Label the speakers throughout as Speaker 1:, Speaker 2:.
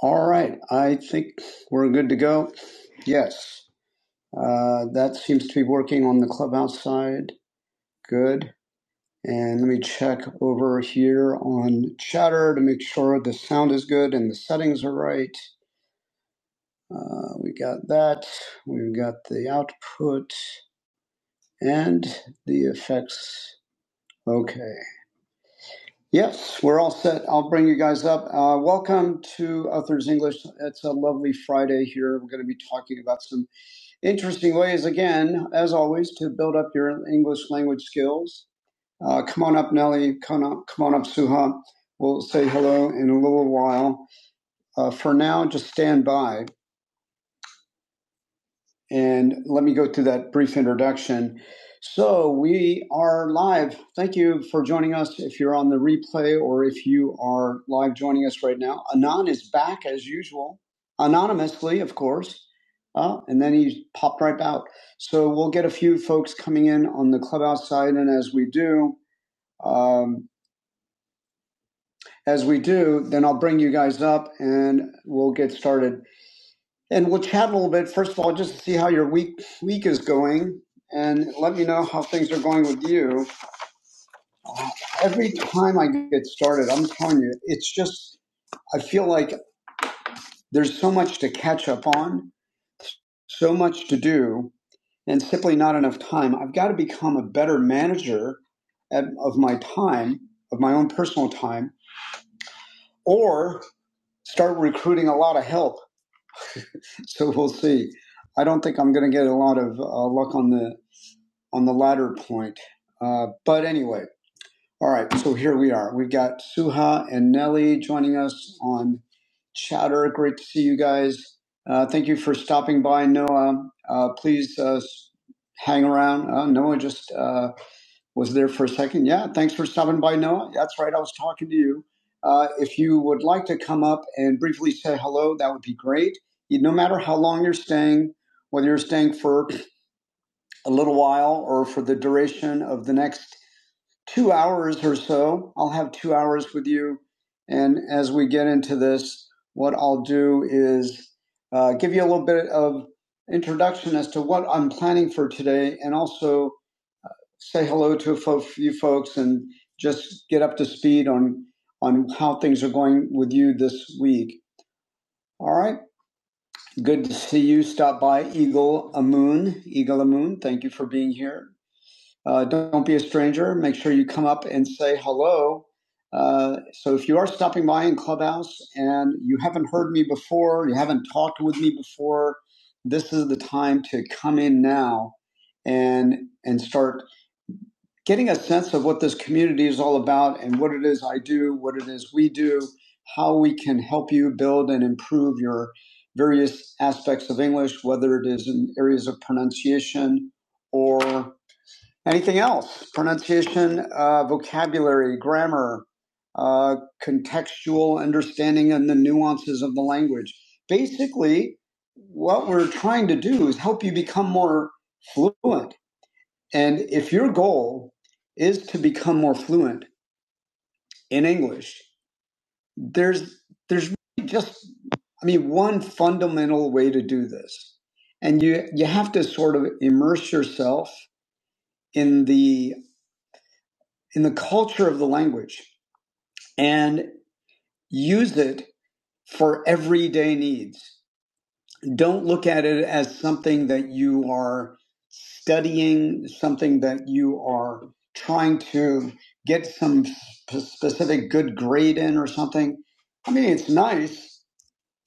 Speaker 1: All right, I think we're good to go. Yes, uh, that seems to be working on the clubhouse side. Good. And let me check over here on chatter to make sure the sound is good and the settings are right. Uh, we got that. We've got the output and the effects. Okay. Yes, we're all set. I'll bring you guys up. Uh, welcome to Authors English. It's a lovely Friday here. We're going to be talking about some interesting ways, again, as always, to build up your English language skills. Uh, come on up, Nelly. Come on, up, come on up, Suha. We'll say hello in a little while. Uh, for now, just stand by. And let me go through that brief introduction. So, we are live. Thank you for joining us. If you're on the replay or if you are live joining us right now, Anon is back as usual, anonymously, of course. Uh, and then he popped right out. So, we'll get a few folks coming in on the clubhouse side. And as we do, um, as we do, then I'll bring you guys up and we'll get started and we'll chat a little bit first of all just to see how your week week is going and let me know how things are going with you every time i get started i'm telling you it's just i feel like there's so much to catch up on so much to do and simply not enough time i've got to become a better manager at, of my time of my own personal time or start recruiting a lot of help so we'll see i don't think i'm going to get a lot of uh, luck on the on the latter point. Uh, but anyway, all right, so here we are. We've got Suha and Nelly joining us on Chatter. Great to see you guys. Uh, thank you for stopping by, Noah. Uh, please uh, hang around. Uh, Noah just uh, was there for a second. Yeah, thanks for stopping by, Noah. That's right, I was talking to you. Uh, if you would like to come up and briefly say hello, that would be great. You- No matter how long you're staying, whether you're staying for a little while or for the duration of the next two hours or so. I'll have two hours with you. And as we get into this, what I'll do is uh, give you a little bit of introduction as to what I'm planning for today and also say hello to a few folks and just get up to speed on, on how things are going with you this week. All right. Good to see you. Stop by Eagle Amoon. Eagle Amoon, thank you for being here Uh, don't be a stranger. Make sure you come up and say hello. Uh, so if you are stopping by in Clubhouse and you haven't heard me before, you haven't talked with me before, this is the time to come in now and and start getting a sense of what this community is all about and what it is I do, what it is we do, how we can help you build and improve your various aspects of English, whether it is in areas of pronunciation or Anything else? Pronunciation, uh, vocabulary, grammar, uh, contextual understanding, and the nuances of the language. Basically, what we're trying to do is help you become more fluent. And if your goal is to become more fluent in English, there's there's really just I mean one fundamental way to do this, and you you have to sort of immerse yourself in the in the culture of the language and use it for everyday needs. Don't look at it as something that you are studying, something that you are trying to get some specific good grade in or something. I mean, it's nice,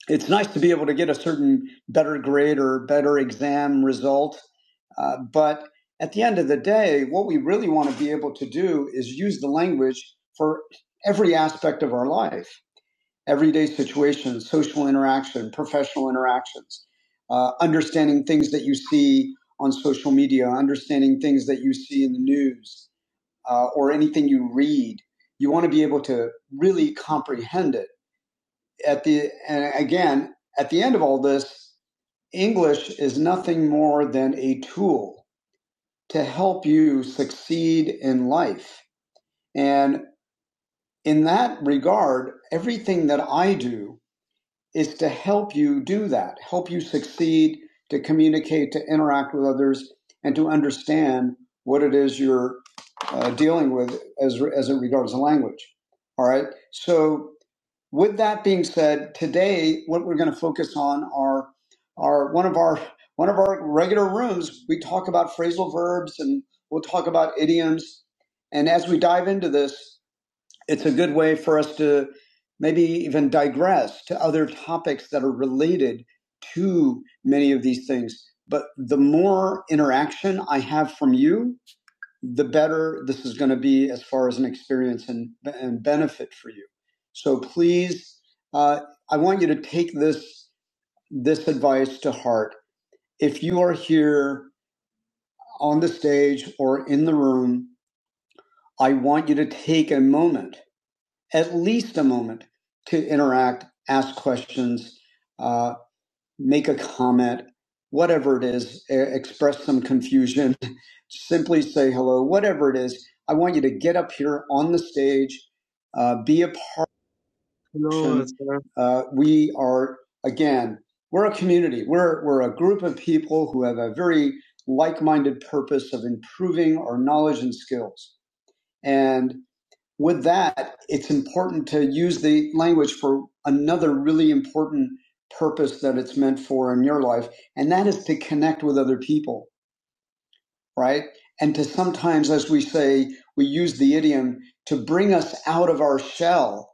Speaker 1: it's nice to be able to get a certain better grade or better exam result. Uh, but at the end of the day, what we really want to be able to do is use the language for every aspect of our life everyday situations, social interaction, professional interactions, uh, understanding things that you see on social media, understanding things that you see in the news uh, or anything you read. You want to be able to really comprehend it at the and again at the end of all this english is nothing more than a tool to help you succeed in life and in that regard everything that i do is to help you do that help you succeed to communicate to interact with others and to understand what it is you're uh, dealing with as, as it regards the language all right so with that being said, today what we're going to focus on are are one of our one of our regular rooms. We talk about phrasal verbs and we'll talk about idioms. And as we dive into this, it's a good way for us to maybe even digress to other topics that are related to many of these things. But the more interaction I have from you, the better this is going to be as far as an experience and, and benefit for you. So please, uh, I want you to take this this advice to heart. If you are here on the stage or in the room, I want you to take a moment, at least a moment, to interact, ask questions. uh, make a comment, whatever it is, e- express some confusion, simply say hello, whatever it is. I want you to get up here on the stage, uh, be a part.
Speaker 2: Hello, sir.
Speaker 1: Uh, we are, again, we're a community. We're, we're a group of people who have a very like minded purpose of improving our knowledge and skills. And with that, it's important to use the language for another really important purpose that it's meant for in your life, and that is to connect with other people, right? And to sometimes, as we say, we use the idiom to bring us out of our shell,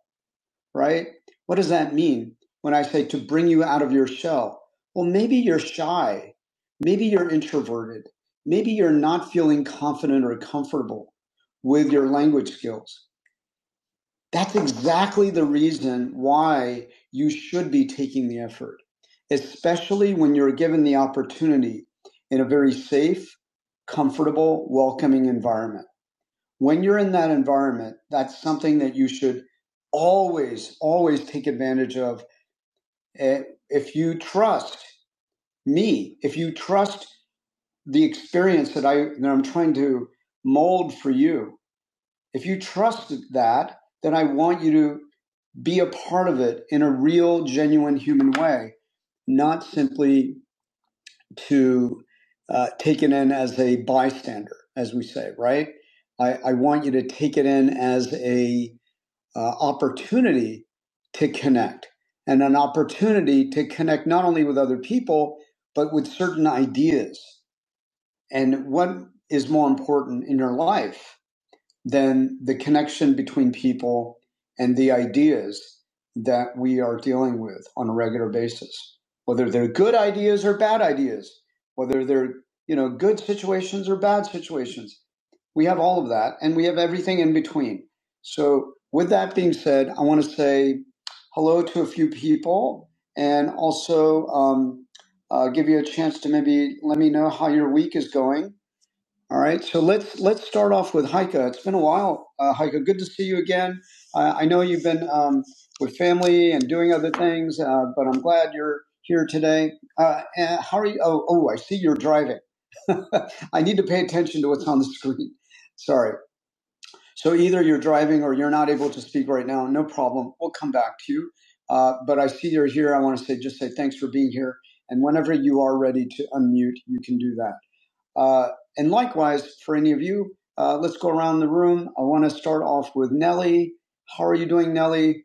Speaker 1: right? What does that mean when I say to bring you out of your shell? Well, maybe you're shy. Maybe you're introverted. Maybe you're not feeling confident or comfortable with your language skills that's exactly the reason why you should be taking the effort, especially when you're given the opportunity in a very safe, comfortable, welcoming environment. When you're in that environment, that's something that you should always, always take advantage of. Eh, If you trust me, if you trust the experience that, I, that I'm trying to mold for you, if you trust that, then I want you to be a part of it in a real, genuine human way, not simply to uh, take it in as a bystander, as we say, right? I, I want you to take it in as a uh, opportunity to connect and an opportunity to connect not only with other people, but with certain ideas and what is more important in your life then the connection between people and the ideas that we are dealing with on a regular basis, whether they're good ideas or bad ideas, whether they're you know good situations or bad situations, we have all of that, and we have everything in between. So, with that being said, I want to say hello to a few people, and also um, uh, give you a chance to maybe let me know how your week is going all right, so let's let's start off with Heike. It's been a while, uh, Heike. Good to see you again. Uh, I know you've been um, with family and doing other things, uh, but I'm glad you're here today. Uh, and how are you? Oh, oh, I see you're driving. I need to pay attention to what's on the screen. Sorry. So either you're driving or you're not able to speak right now. No problem. We'll come back to you. Uh, but I see you're here. I want to say just say thanks for being here. And whenever you are ready to unmute, you can do that. Uh, and likewise, for any of you, uh, let's go around the room. I want to start off with Nellie. How are you doing, Nellie?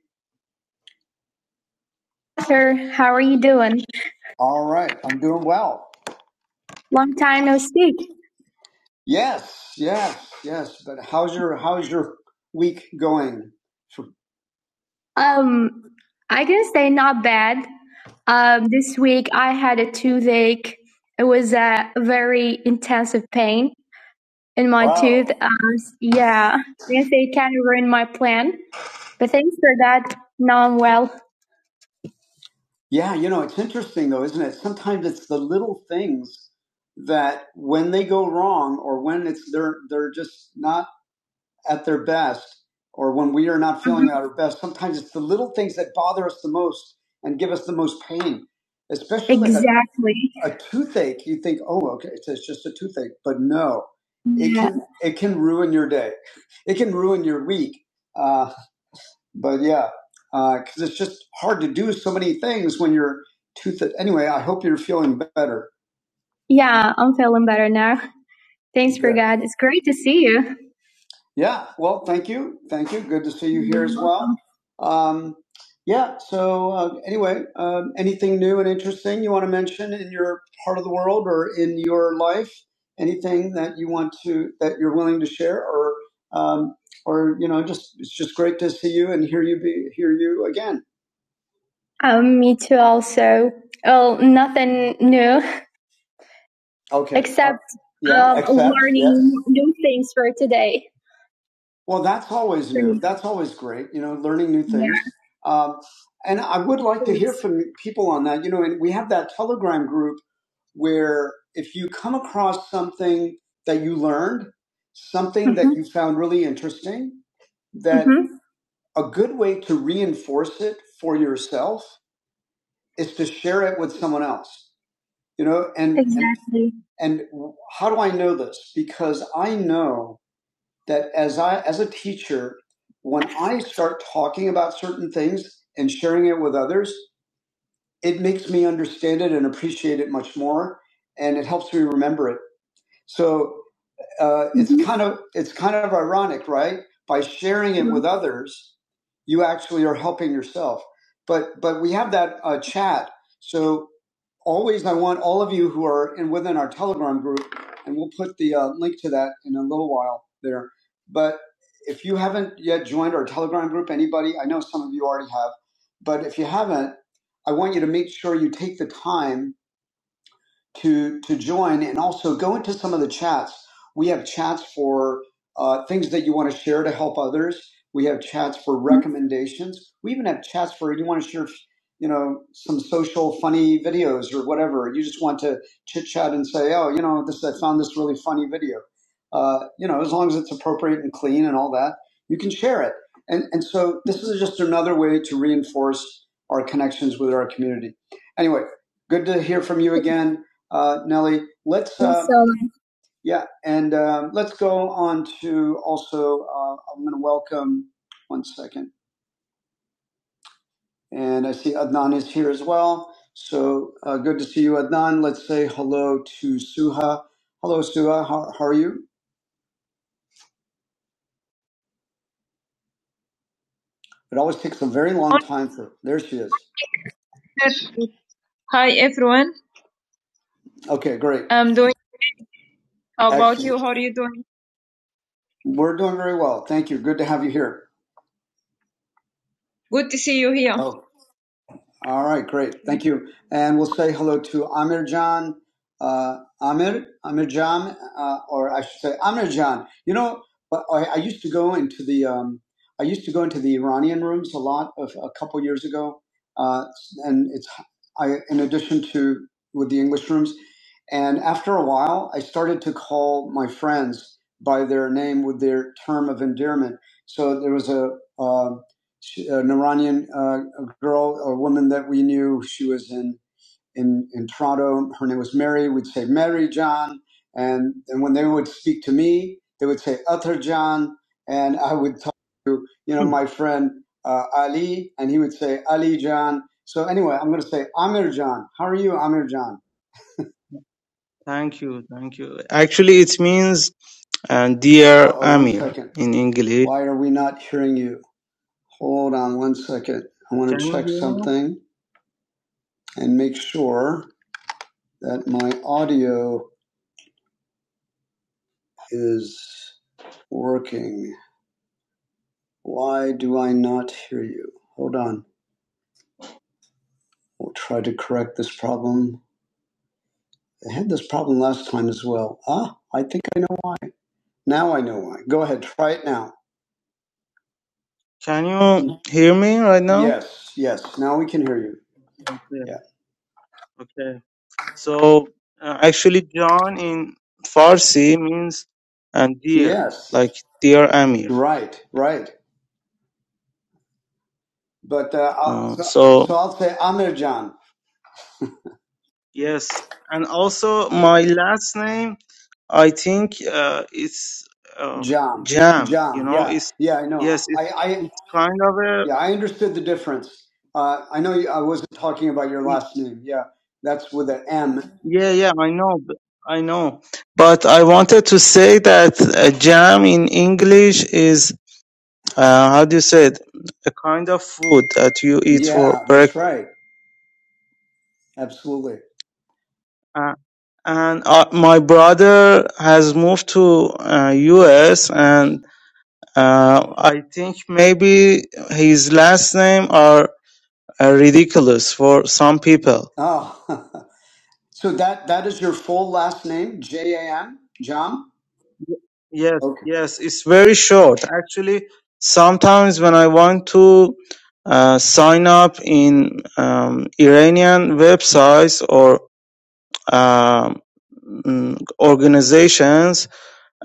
Speaker 1: Sir, how are you doing? All right, I'm doing well. Long time no speak. Yes, yes, yes. But how's your how's your week going? Um, I can say not bad. Um, this week I had a toothache. It was a very intensive pain. in my Wow. tooth. Um, yeah, yes, they can ruin my plan. But thanks for that. Now I'm well. Yeah, you know, it's interesting though, isn't it? Sometimes it's the little things that when they go wrong or when it's they're they're just not at their best or when we are not feeling at our best, sometimes it's the little things that bother us the most and give us the most pain, especially exactly. like a- a, toothache. You think, oh, okay, it's, it's just a toothache, but no, yeah. it can it can ruin your day, it can ruin your week. Uh, but yeah, because uh, it's just hard to do so many things when you're toothache. Anyway, I hope you're feeling better. Yeah, I'm feeling better now. Thanks for Good. God. It's great to see you. Yeah, well, thank you. Thank you. Good to see you here as well. Um, yeah, so uh, anyway, um, anything new and interesting you want to mention in your part of the world or in your life? Anything that you want to, that you're willing to share or, um, or, you know, just, it's just great to see you and hear you be, hear you again. Um, me too, also. Oh, nothing new. Okay. Except, Yeah, um, except, learning yes. new things for today. Well, that's always new. That's always great. You know, learning new things. Yeah. Um, and I would like to hear from people on that. You know, and we have that Telegram group where if you come across something that you learned, something mm-hmm. that Mhm. you found really interesting, that Mhm. a good way to reinforce it for yourself is to share it with someone else. You know, and exactly. and, and how do I know this? Because I know that as I as a teacher, when I start talking about certain things and sharing it with others, it makes me understand it and appreciate it much more, and it helps me remember it. So uh, it's Mhm. kind of it's kind of ironic, right? By sharing it mm-hmm. with others, you actually are helping yourself. But but we have that uh, chat. So always I want all of you who are in within our Telegram group, and we'll put the uh, link to that in a little while there. But if you haven't yet joined our Telegram group, anybody, I know some of you already have, but if you haven't, I want you to make sure you take the time to to join and also go into some of the chats. We have chats for uh, things that you want to share to help others. We have chats for recommendations. We even have chats for you want to share, you know, some social funny videos or whatever. You just want to chit chat and say, oh, you know, this I found this really funny video. Uh, you know, as long as it's appropriate and clean and all that, you can share it. And and so this is just another way to reinforce our connections with our community. Anyway, good to hear from you again uh, Nellie. Let's uh, Thanks, yeah, and um, let's go on to also. Uh, I'm going to welcome one second, and I see Adnan is here as well. So uh, good to see you, Adnan. Let's say hello to Suha. Hello, Suha. How, how are you? It always takes a very long time for. There she is. Hi, everyone. Okay, great. I'm doing. How about Excellent. you? How are you doing? We're doing very well. Thank you. Good to have you here. Good to see you here. All right, great. Thank you. And we'll say hello to Amirjan, uh, Amir, Amirjan, uh, or I should say Amirjan. You know, but I, I used to go into the, um, I used to go into the Iranian rooms a lot of a couple years ago. Uh, and it's, I, in addition to with the English rooms. And after a while, I started to call my friends by their name with their term of endearment. So there was a, um she, uh, an Iranian uh, girl, a woman that we knew. She was in, in, in Toronto. Her name was Mary. We'd say, Mary John. And, and when they would speak to me, they would say, Utter John. And I would talk to, you know, my friend uh, Ali, and he would say, Ali John. So anyway, I'm going to say, Amir John. How are you, Amir John?
Speaker 2: Thank you, thank you. Actually, it means uh,
Speaker 1: Uh
Speaker 2: dear
Speaker 1: oh, one
Speaker 2: Amir
Speaker 1: second.
Speaker 2: in English.
Speaker 1: Why are we not hearing you? Hold on one second. I want
Speaker 2: Can
Speaker 1: to
Speaker 2: you
Speaker 1: check
Speaker 2: hear me?
Speaker 1: something and make sure that my audio is working. Why do I not hear you? Hold on. We'll try to correct this problem. I had this problem last time as well. Ah, I think I know why. Now I know why. Go ahead, try it now.
Speaker 2: Can you hear me right now?
Speaker 1: Yes, yes. Now we can hear you.
Speaker 2: Okay,
Speaker 1: Yeah.
Speaker 2: okay. So, uh, actually, John in Farsi means "and dear,
Speaker 1: Yes.
Speaker 2: like dear Amir.
Speaker 1: Right, right. But uh, I-
Speaker 2: Uh,
Speaker 1: so,
Speaker 2: so,
Speaker 1: so I'll say Amir John.
Speaker 2: yes. And also, my last name, I think uh, it's um,
Speaker 1: Jam,
Speaker 2: Jam, you
Speaker 1: jam,
Speaker 2: know,
Speaker 1: yeah,
Speaker 2: it's,
Speaker 1: yeah, I know.
Speaker 2: yes,
Speaker 1: I,
Speaker 2: it's,
Speaker 1: I,
Speaker 2: it's kind of a
Speaker 1: Yeah, I understood the difference. Uh, I know you, I wasn't talking about your
Speaker 2: Y-
Speaker 1: last name. Yeah, that's with an M.
Speaker 2: Yeah, yeah, I know, b- I know. But I wanted to say that uh, jam in English is, uh, how do you say it, a kind of food that you eat
Speaker 1: Yeah,
Speaker 2: for
Speaker 1: that's
Speaker 2: breakfast.
Speaker 1: right. Absolutely.
Speaker 2: Uh, and uh, my brother has moved to uh, US, and uh, I think maybe his last name are uh, ridiculous for some people.
Speaker 1: Oh, so that that is your full last name, J A M, Jam.
Speaker 2: Yes,
Speaker 1: Okay.
Speaker 2: yes, it's very short. Actually, sometimes when I want to uh, sign up in um, Iranian websites or um, mm, organizations,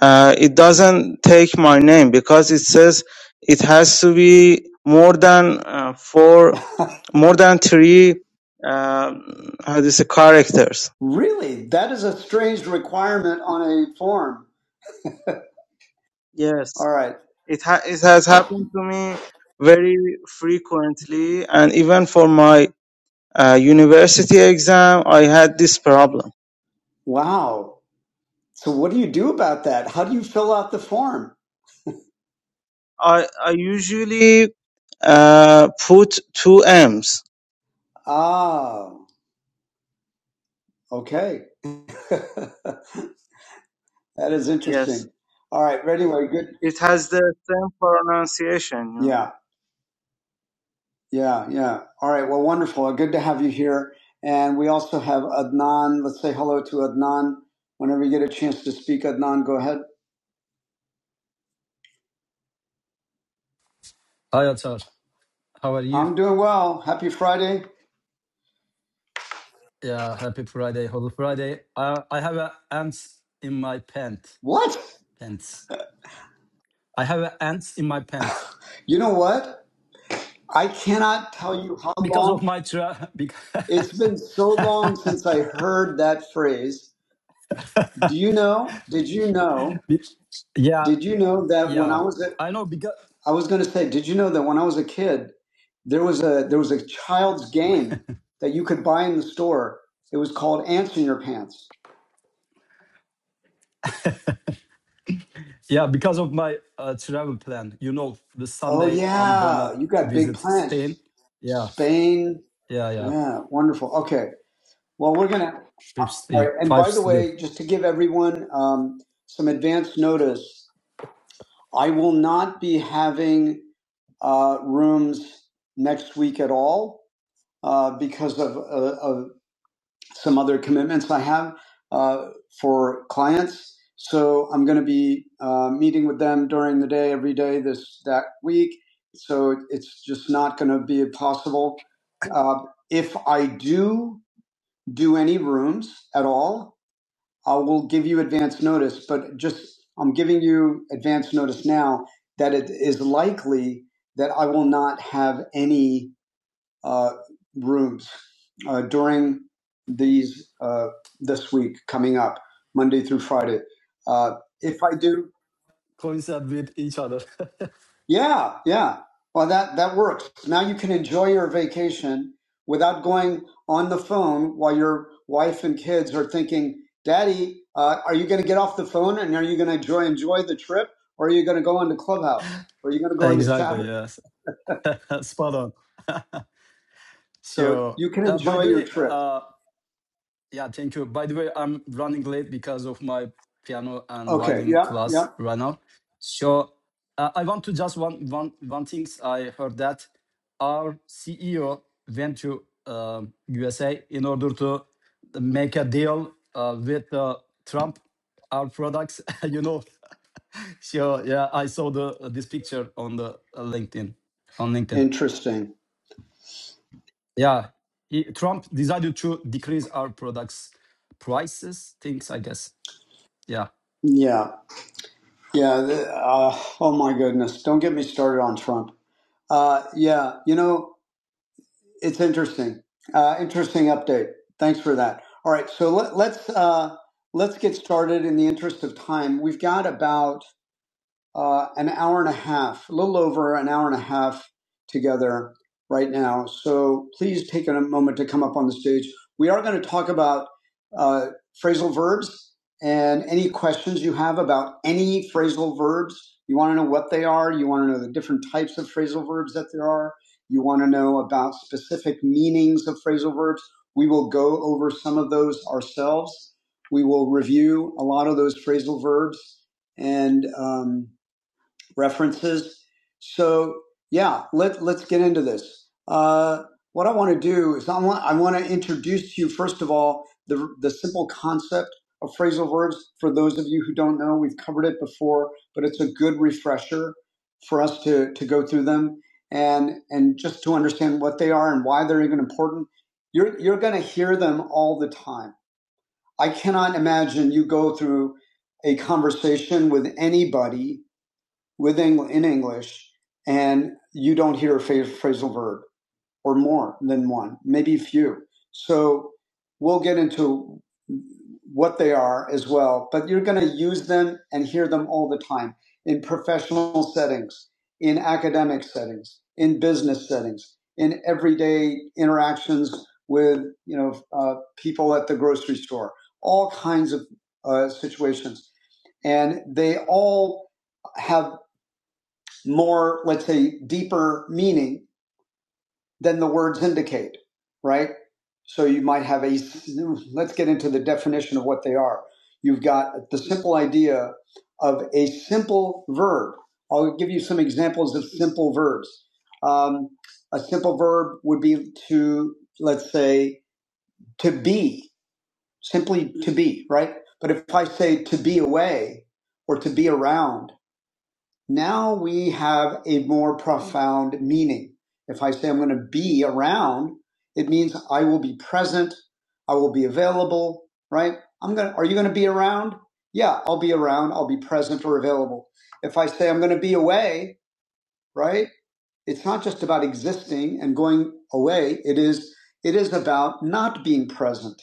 Speaker 2: uh, it doesn't take my name because it says it has to be more than uh, four, more than three, uh, how do you say, characters.
Speaker 1: Really, that is a strange requirement on a form.
Speaker 2: Yes.
Speaker 1: All right.
Speaker 2: It, ha- it has happened to me very frequently, and even for my uh, university exam, I had this problem.
Speaker 1: Wow. So what do you do about that? How do you fill out the form?
Speaker 2: I, I usually uh, put two M's.
Speaker 1: Ah, okay. that is
Speaker 2: Yes,
Speaker 1: interesting. All right. Anyway, good.
Speaker 2: it has the same pronunciation.
Speaker 1: Yeah. Yeah, yeah. All right. Well, wonderful. Good to have you here. And we also have Adnan. Let's say hello to Adnan. Whenever you get a chance to speak, Adnan, go ahead.
Speaker 3: Hi, Atar. How are you?
Speaker 1: I'm doing well. Happy Friday.
Speaker 3: Yeah, happy Friday, Holy Friday. I I have a ants in my pant
Speaker 1: What?
Speaker 3: pants. I have a ants in my pants
Speaker 1: You know what? I cannot tell you how
Speaker 3: because of
Speaker 1: long.
Speaker 3: my tra. Because
Speaker 1: It's been so long since I heard that phrase. Do you know? Did you know?
Speaker 3: yeah,
Speaker 1: Did you know that when I
Speaker 3: yeah.
Speaker 1: was at
Speaker 3: I know because
Speaker 1: I was going to say, did you know that when I was a kid, there was a there was a child's game that you could buy in the store. It was called Ants in Your Pants.
Speaker 3: yeah because of my uh, travel plan. You know, this
Speaker 1: Oh
Speaker 3: Sunday I'm gonna
Speaker 1: yeah, you got big
Speaker 3: visit Spain.
Speaker 1: plans.
Speaker 3: Yeah,
Speaker 1: Spain,
Speaker 3: yeah, yeah.
Speaker 1: yeah, wonderful. Okay, well we're gonna.
Speaker 3: Five
Speaker 1: All
Speaker 3: city,
Speaker 1: right, and by
Speaker 3: five
Speaker 1: the
Speaker 3: city.
Speaker 1: way, just to give everyone um, some advance notice, I will not be having uh, rooms next week at all uh, because of, uh, of some other commitments I have uh, for clients. So I'm going to be uh, meeting with them during the day every day this that week. So it's just not going to be possible. Uh, if I do do any rooms at all, I will give you advance notice. But just I'm giving you advance notice now that it is likely that I will not have any uh, rooms uh, during these uh, this week coming up, Monday through Friday. Uh, if I do,
Speaker 3: Coincide with each other.
Speaker 1: yeah, yeah. Well, that that works. Now you can enjoy your vacation without going on the phone while your wife and kids are thinking, "Daddy, uh, are you going to get off the phone and are you going to enjoy enjoy the trip, or are you going to go into Clubhouse, or are you going to go into
Speaker 3: exactly.
Speaker 1: Chatter?"
Speaker 3: Yes. Spot on.
Speaker 1: So
Speaker 3: So,
Speaker 1: you can
Speaker 3: uh, by
Speaker 1: enjoy
Speaker 3: the
Speaker 1: your
Speaker 3: way,
Speaker 1: trip.
Speaker 3: uh, yeah, thank you. By the way, I'm running late because of my piano and
Speaker 1: Okay.
Speaker 3: violin
Speaker 1: Yeah. Yeah.
Speaker 3: class right now. So, uh, I want to just one one one things I heard that our CEO went to um USA in order to make a deal uh, with uh, Trump. Our products, you know. so yeah, I saw the uh, this picture on the uh, LinkedIn on LinkedIn.
Speaker 1: Interesting.
Speaker 3: Yeah, he- Trump decided to decrease our products prices, things I guess. Yeah.
Speaker 1: Yeah. Yeah. th- Uh, oh my goodness. Don't get me started on Trump. Uh, yeah. You know, it's interesting. Uh, interesting update. Thanks for that. All right. So let, let's uh, let's get started. In the interest of time, we've got about uh, an hour and a half, a little over an hour and a half together right now. So please take a moment to come up on the stage. We are going to talk about uh, phrasal verbs and any questions you have about any phrasal verbs. You want to know what they are, you want to know the different types of phrasal verbs that there are, you want to know about specific meanings of phrasal verbs. We will go over some of those ourselves. We will review a lot of those phrasal verbs and um, references. So yeah, let let's get into this. Uh, what I want to do is I want I want to introduce to you first of all the the simple concept of phrasal verbs. For those of you who don't know, we've covered it before, but it's a good refresher for us to to go through them and and just to understand what they are and why they're even important. You're you're going to hear them all the time. I cannot imagine you go through a conversation with anybody with Eng- in English, and you don't hear a phrasal verb or more than one, maybe few. So we'll get into what they are as well, but you're going to use them and hear them all the time in professional settings, in academic settings, in business settings, in everyday interactions with you know uh, people at the grocery store, all kinds of uh, situations, and they all have more, let's say, deeper meaning than the words indicate, right? So you might have a, let's get into the definition of what they are. You've got the simple idea of a simple verb. I'll give you some examples of simple verbs. Um, a simple verb would be to, let's say, to be, simply to be, right? But if I say to be away or to be around, now we have a more profound meaning. If I say I'm going to be around, it means I will be present, I will be available, right? I'm going to, are you going to be around? Yeah, I'll be around, I'll be present or available. If I say I'm going to be away, right? It's not just about existing and going away, it is it is about not being present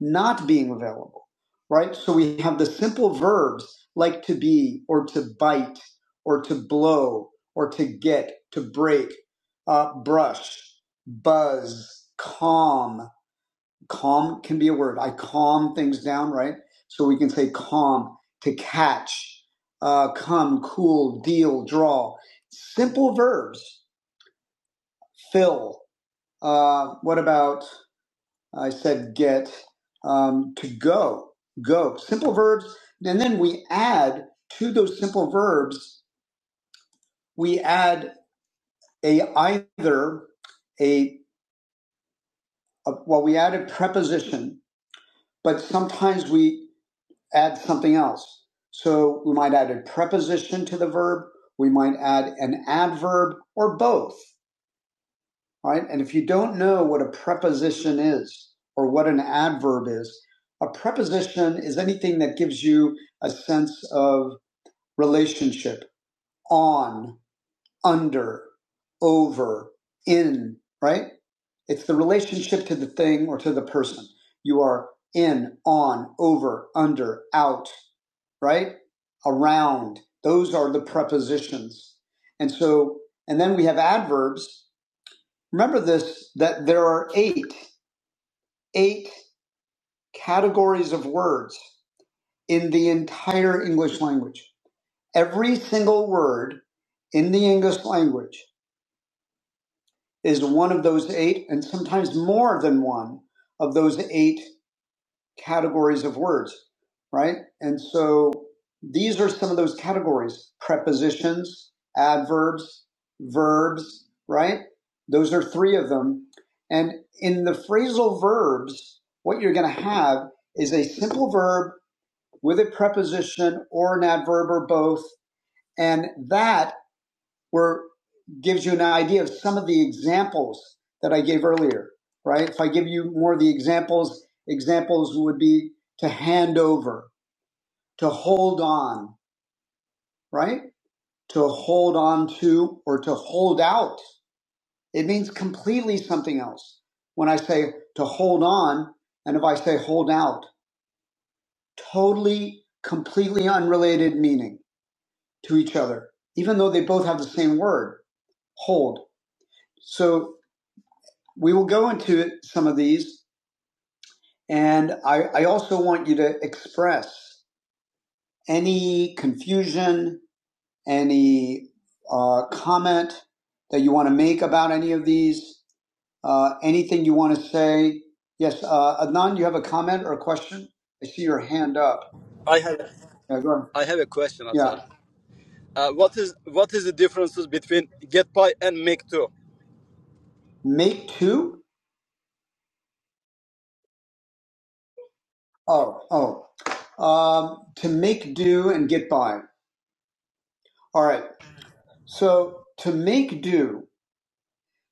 Speaker 1: not being available, right? So we have the simple verbs like to be or to bite or to blow or to get, to break, uh, brush, buzz, calm. Calm can be a word. I calm things down, right? So we can say calm, to catch, uh, come, cool, deal, draw. Simple verbs. Fill. Uh, what about I said get um, to go, go. Simple verbs, and then we add to those simple verbs, we add a either a, a well, we add a preposition, but sometimes we add something else. So we might add a preposition to the verb, we might add an adverb, or both. Right, And if you don't know what a preposition is or what an adverb is, a preposition is anything that gives you a sense of relationship on, under, over, in, right? It's the relationship to the thing or to the person. You are in, on, over, under, out, right? Around. Those are the prepositions. And so, and then we have adverbs, Remember this that there are eight, eight categories of words in the entire English language. Every single word in the English language is one of those eight, and sometimes more than one of those eight categories of words, right? And so these are some of those categories prepositions, adverbs, verbs, right? Those are three of them. And in the phrasal verbs, what you're going to have is a simple verb with a preposition or an adverb or both. And that where gives you an idea of some of the examples that I gave earlier, right? If I give you more of the examples, examples would be to hand over, to hold on, right? To hold on to or to hold out. It means completely something else. When I say to hold on and if I say hold out, totally, completely unrelated meaning to each other, even though they both have the same word, hold. So We will go into some of these, and I, I also want you to express any confusion, any uh, comment that you want to make about any of these, uh, anything you want to say. Yes, uh, Adnan, you have a comment or a question? I see your hand up.
Speaker 3: I have
Speaker 1: Yeah, go ahead.
Speaker 3: I have a question,
Speaker 1: Yeah.
Speaker 3: Atar. Uh, what is what is the differences between GetPy and Make2?
Speaker 1: Make two? Oh, oh. Um, to make do and get by. All right. So to make do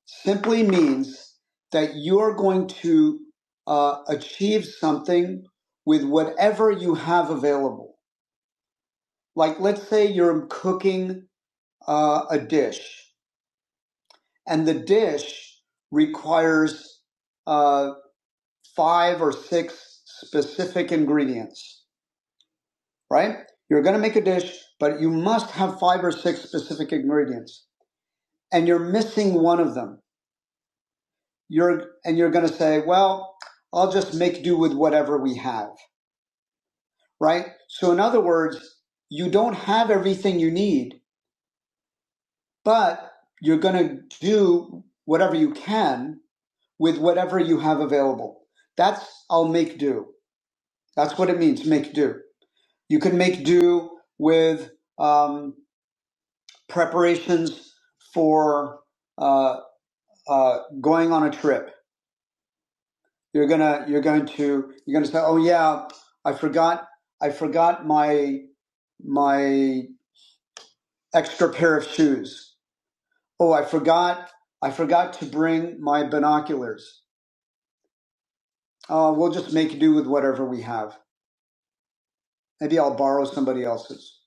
Speaker 1: simply means that you're going to uh, achieve something with whatever you have available. Like, let's say you're cooking uh, a dish, and the dish requires uh, five or six specific ingredients, right? You're going to make a dish, but you must have five or six specific ingredients, and you're missing one of them you're and you're going to say, well, I'll just make do with whatever we have, right? So in other words, you don't have everything you need, but you're going to do whatever you can with whatever you have available. That's I'll make do. That's what it means, make do. You can make do with um, preparations for uh, uh, going on a trip you're gonna you're going to you're gonna say, "Oh yeah, I forgot I forgot my my extra pair of shoes. Oh, I forgot I forgot to bring my binoculars. Uh, we'll just make do with whatever we have. Maybe I'll borrow somebody else's."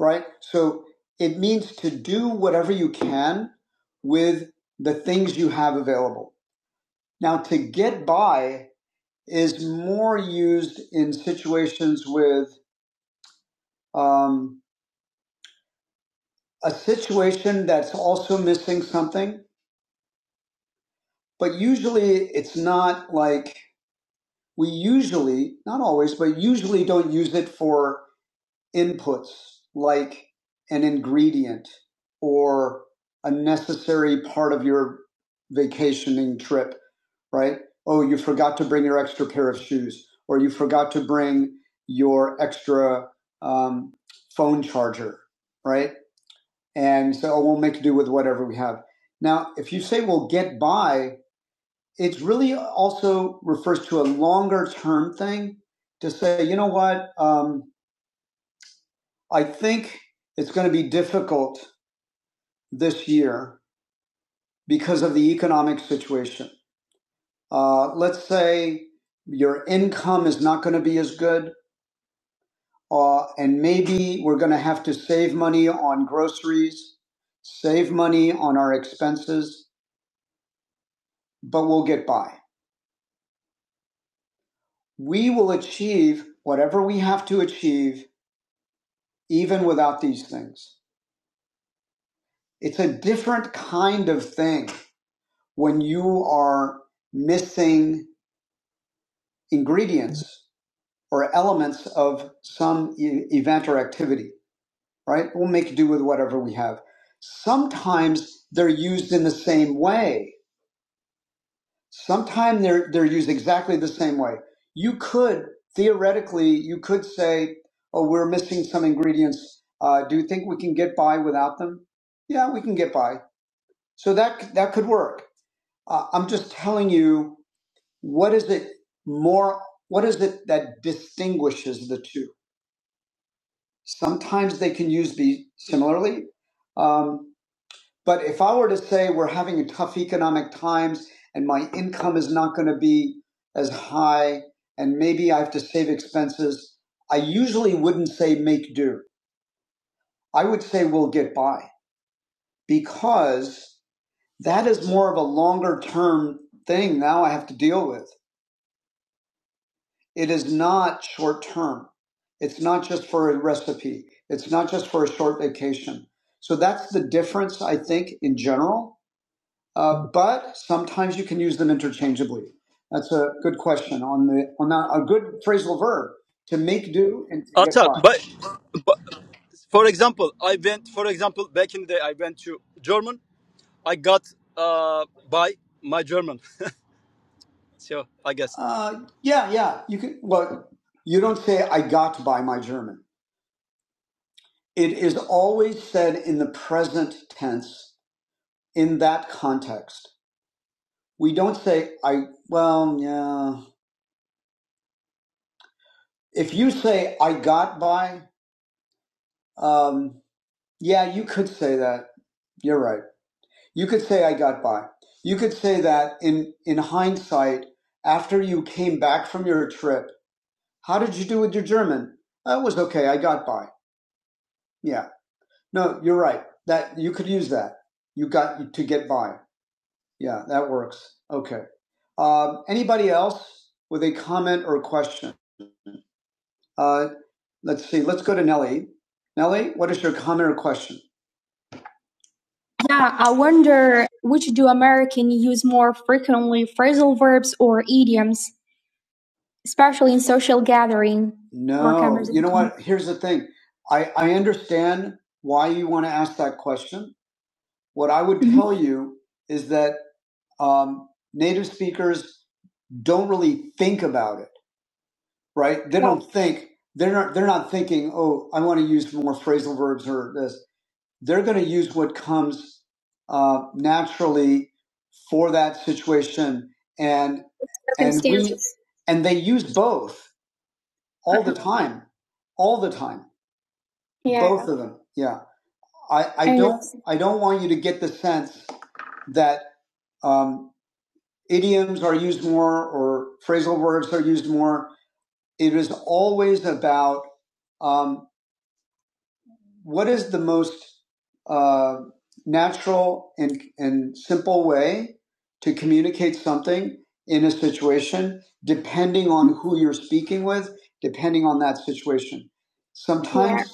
Speaker 1: Right. So it means to do whatever you can with the things you have available. Now, to get by is more used in situations with. Um, a situation that's also missing something, but usually it's not like we usually, not always, but usually don't use it for inputs like an ingredient or a necessary part of your vacationing trip, right? Oh, you forgot to bring your extra pair of shoes, or you forgot to bring your extra um, phone charger, right? And so "Oh, we'll make do with whatever we have. Now, if you say we'll get by, it really also refers to a longer term thing to say, you know what, um, I think it's going to be difficult this year because of the economic situation. Uh, let's say your income is not going to be as good, uh, and maybe we're going to have to save money on groceries, save money on our expenses, but we'll get by we will achieve whatever we have to achieve even without these things. It's a different kind of thing when you are missing ingredients or elements of some e- event or activity, right? We'll make do with whatever we have. Sometimes they're used in the same way Sometimes they're they're used exactly the same way. You could theoretically you could say, "Oh, we're missing some ingredients. Uh, do you think we can get by without them?" Yeah, we can get by. So that that could work. Uh, I'm just telling you what is it more. What is it that distinguishes the two? Sometimes they can use these similarly. Um, But if I were to say we're having tough economic times and my income is not going to be as high and maybe I have to save expenses, I usually wouldn't say make do. I would say we'll get by because that is more of a longer term thing now I have to deal with. It is not short term. It's not just for a recipe. It's not just for a short vacation. So that's the difference, I think, in general Uh, but sometimes you can use them interchangeably. That's a good question on the on that, a good phrasal verb to make do and to get
Speaker 3: Atar,
Speaker 1: by.
Speaker 3: but, but for example, I went for example back in the day I went to German. I got uh by my German. So I guess.
Speaker 1: Uh, yeah, yeah. You can. Well, you don't say "I got by my German." It is always said in the present tense in that context. We don't say "I." Well, yeah. If you say "I got by," um, yeah, you could say that. You're right You could say I got by. You could say that in in hindsight, after you came back from your trip, how did you do with your German? I was okay. I got by. Yeah. No, you're right. That you could use that. You got to get by. Yeah, that works. Okay. Um, anybody else with a comment or question? Uh, let's see. Let's go to Nellie. Nellie, what is your comment or question? Yeah, I wonder which do Americans use more frequently, phrasal verbs or idioms? especially in social gathering. No, you know what? Here's the thing. I, I understand why you want to ask that question. What I would Mhm. tell you is that um, native speakers don't really think about it, right? They Right. don't think they're not they're not thinking. Oh, I want to use more phrasal verbs or this. They're going to use what comes uh, naturally for that situation, and and we Circumstances. and they use both all the time, all the time. Yeah. Both of them. Yeah. I, I don't I don't want you to get the sense that um, idioms are used more or phrasal words are used more. It is always about um, what is the most uh, natural and, and simple way to communicate something in a situation, depending on who you're speaking with, depending on that situation. Sometimes, Yeah.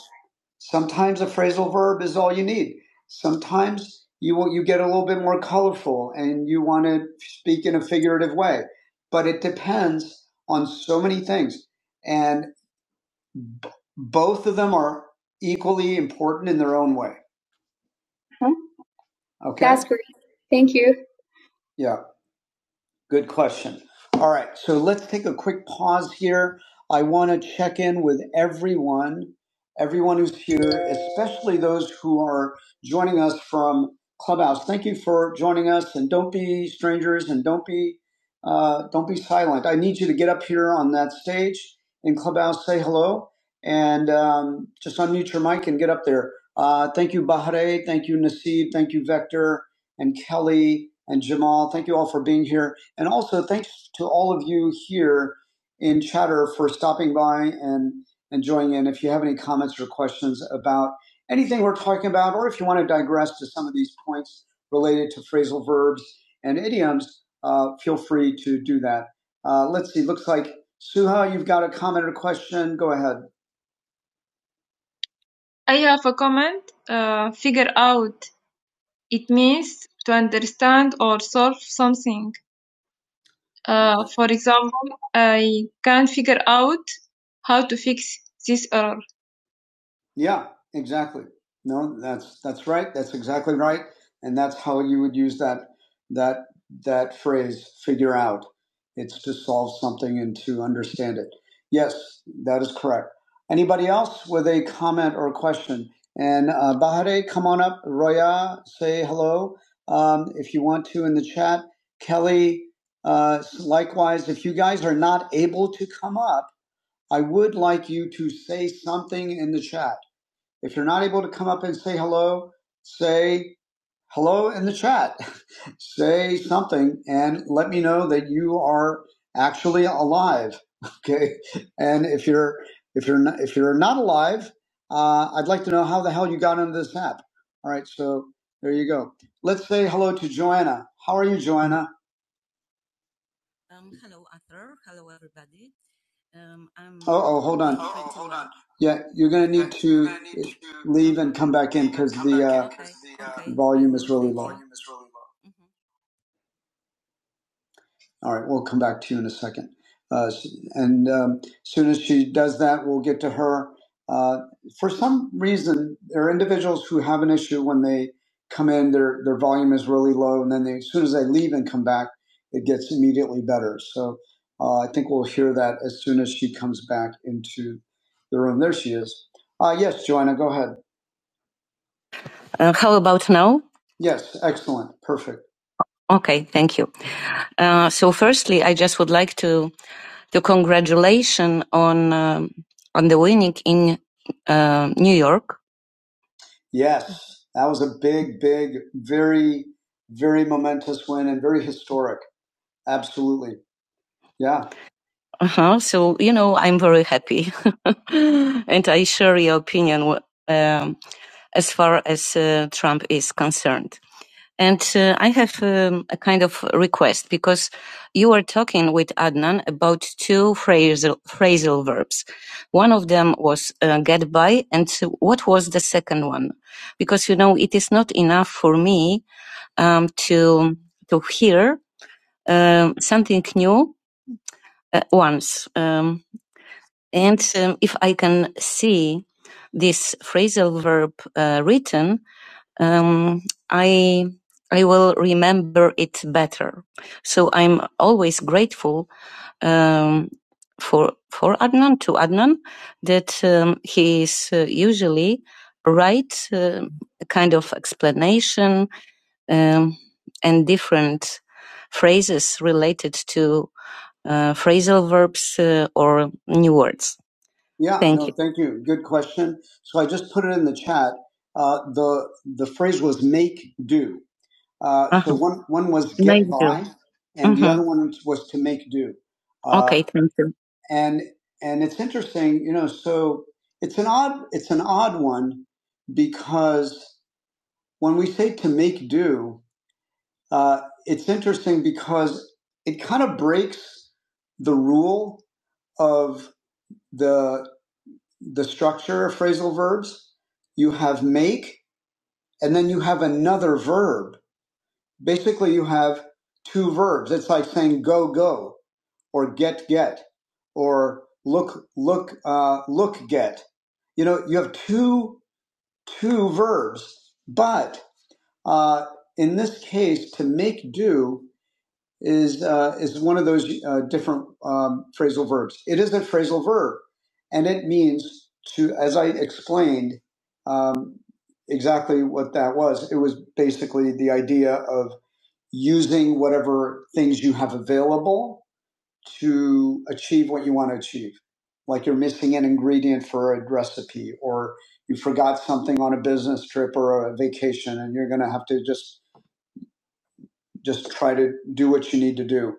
Speaker 1: sometimes a phrasal verb is all you need. Sometimes you will, you get a little bit more colorful and you want to speak in a figurative way, but it depends on so many things. And B- both of them are equally important in their own way. Okay. That's great. Thank you. Yeah. Good question. All right, so let's take a quick pause here. I want to check in with everyone, everyone who's here, especially those who are joining us from Clubhouse. Thank you for joining us, and don't be strangers, and don't be uh, don't be silent. I need you to get up here on that stage in Clubhouse, say hello, and um, just unmute your mic and get up there. Uh, thank you, Bahare. Thank you, Nasib. Thank you, Vector and Kelly and Jamal. Thank you all for being here. And also, thanks to all of you here in chatter for stopping by and, and joining in. If you have any comments or questions about anything we're talking about, or if you want to digress to some of these points related to phrasal verbs and idioms, uh, feel free to do that. Uh, let's see, looks like Suha, you've got a comment or question. Go ahead. I have a comment. Uh, figure out. It means to understand or solve something. Uh, for example, I can't figure out how to fix this error. Yeah, exactly. No, that's that's right. That's exactly right. And that's how you would use that that that phrase figure out. It's to solve something and to understand it. Yes, that is correct. Anybody else with a comment or question? And uh, Bahare, come on up. Roya, say hello um, if you want to in the chat. Kelly, uh, likewise, if you guys are not able to come up, I would like you to say something in the chat if you're not able to come up and say hello, say hello in the chat. say something and let me know that you are actually alive. Okay. And if you're if you're not, if you're not alive, uh, I'd like to know how the hell you got into this app. All right. So there you go. Let's say hello to Joanna. How are you, Joanna? Oh, oh, hold on. Yeah, you're gonna need volume as well. All right, we'll come back to you in a second. Uh, and um, as soon as she does that, we'll get to her. Uh, for some reason, there are individuals who have an issue when they come in, their, their volume is really low, and then they, as soon as they leave and come back, it gets immediately better. So uh, I think we'll hear that as soon as she comes back into the room. There she is. Uh, yes, Joanna, go ahead. Uh, how about now? Yes, excellent. Perfect. Okay, thank you. Uh, so, firstly, I just would like to to congratulation on um, on the winning in uh, New York. Yes, that was a big, big, very, very momentous win and very historic. Absolutely. Yeah. Uh-huh. So you know, I'm very happy, and I share your opinion um, as far as uh, Trump is concerned. And uh, I have um, a kind of request because you were talking with Adnan about two phrasal, phrasal verbs. One of them was uh, get by, and so what was the second one? Because you know, it is not enough for me um, to to hear um, something new uh, once, um, and um, if I can see this phrasal verb uh, written, um, I I will remember it better. So I'm always grateful um, for for Adnan to Adnan that um, he is uh, usually right uh, kind of explanation um, and different phrases related to uh, phrasal verbs uh, or new words. Yeah, Thank no, you. thank you. Good question. So I just put it in the chat. Uh, the the phrase was make do. Uh, Uh so huh. one one was get Make do. by, and the hmm other one was to make do. Uh, Okay, thank you. and and it's interesting, you know. So it's an odd it's an odd one because when we say to make do, uh, it's interesting because it kind of breaks the rule of the the structure of phrasal verbs. You have make, and then you have another verb. Basically, you have two verbs. It's like saying go, go, or get, get, or look, look, uh, look, get. You know, you have two, two verbs, but uh, in this case, to make do is uh, is one of those uh, different um, phrasal verbs. It is a phrasal verb, and it means to, as I explained, um, exactly what that was. It was basically the idea of using whatever things you have available to achieve what you want to achieve. Like you're missing an ingredient for a recipe, or you forgot something on a business trip or a vacation, and you're going to have to just just try to do what you need to do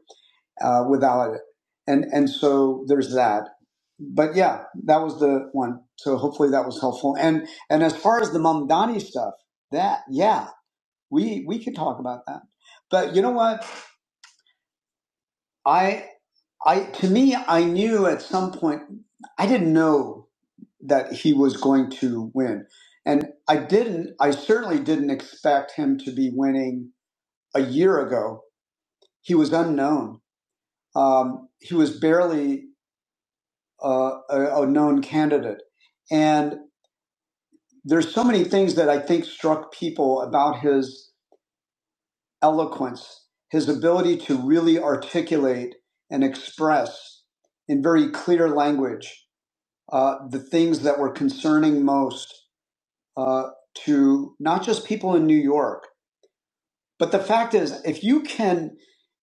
Speaker 1: uh, without it. And and so there's that. But yeah, that was the one. So hopefully that was helpful. And and as far as the Mamdani stuff, that yeah, we we could talk about that. But you know what? I I to me I knew at some point I didn't know that he was going to win. And I didn't I certainly didn't expect him to be winning a year ago. He was unknown. Um, he was barely uh, a, a known candidate. And there's so many things that I think struck people about his eloquence, his ability to really articulate and express in very clear language uh, the things that were concerning most uh, to not just people in New York. But the fact is, if you can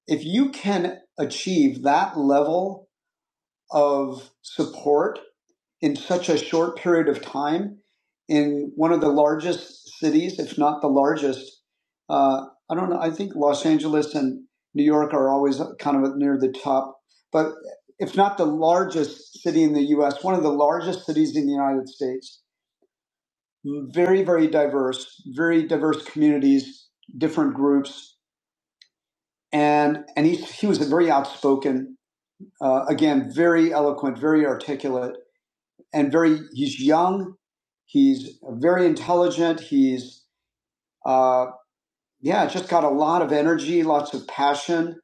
Speaker 1: if you can achieve that level of support in such a short period of time in one of the largest cities, if not the largest. Uh, I don't know. I think Los Angeles and New York are always kind of near the top, but if not the largest city in the U.S., one of the largest cities in the United States. Very, very diverse, very diverse communities, different groups, and and he he was a very outspoken, uh, again, very eloquent, very articulate and very he's young he's very intelligent he's uh, yeah just got a lot of energy lots of passion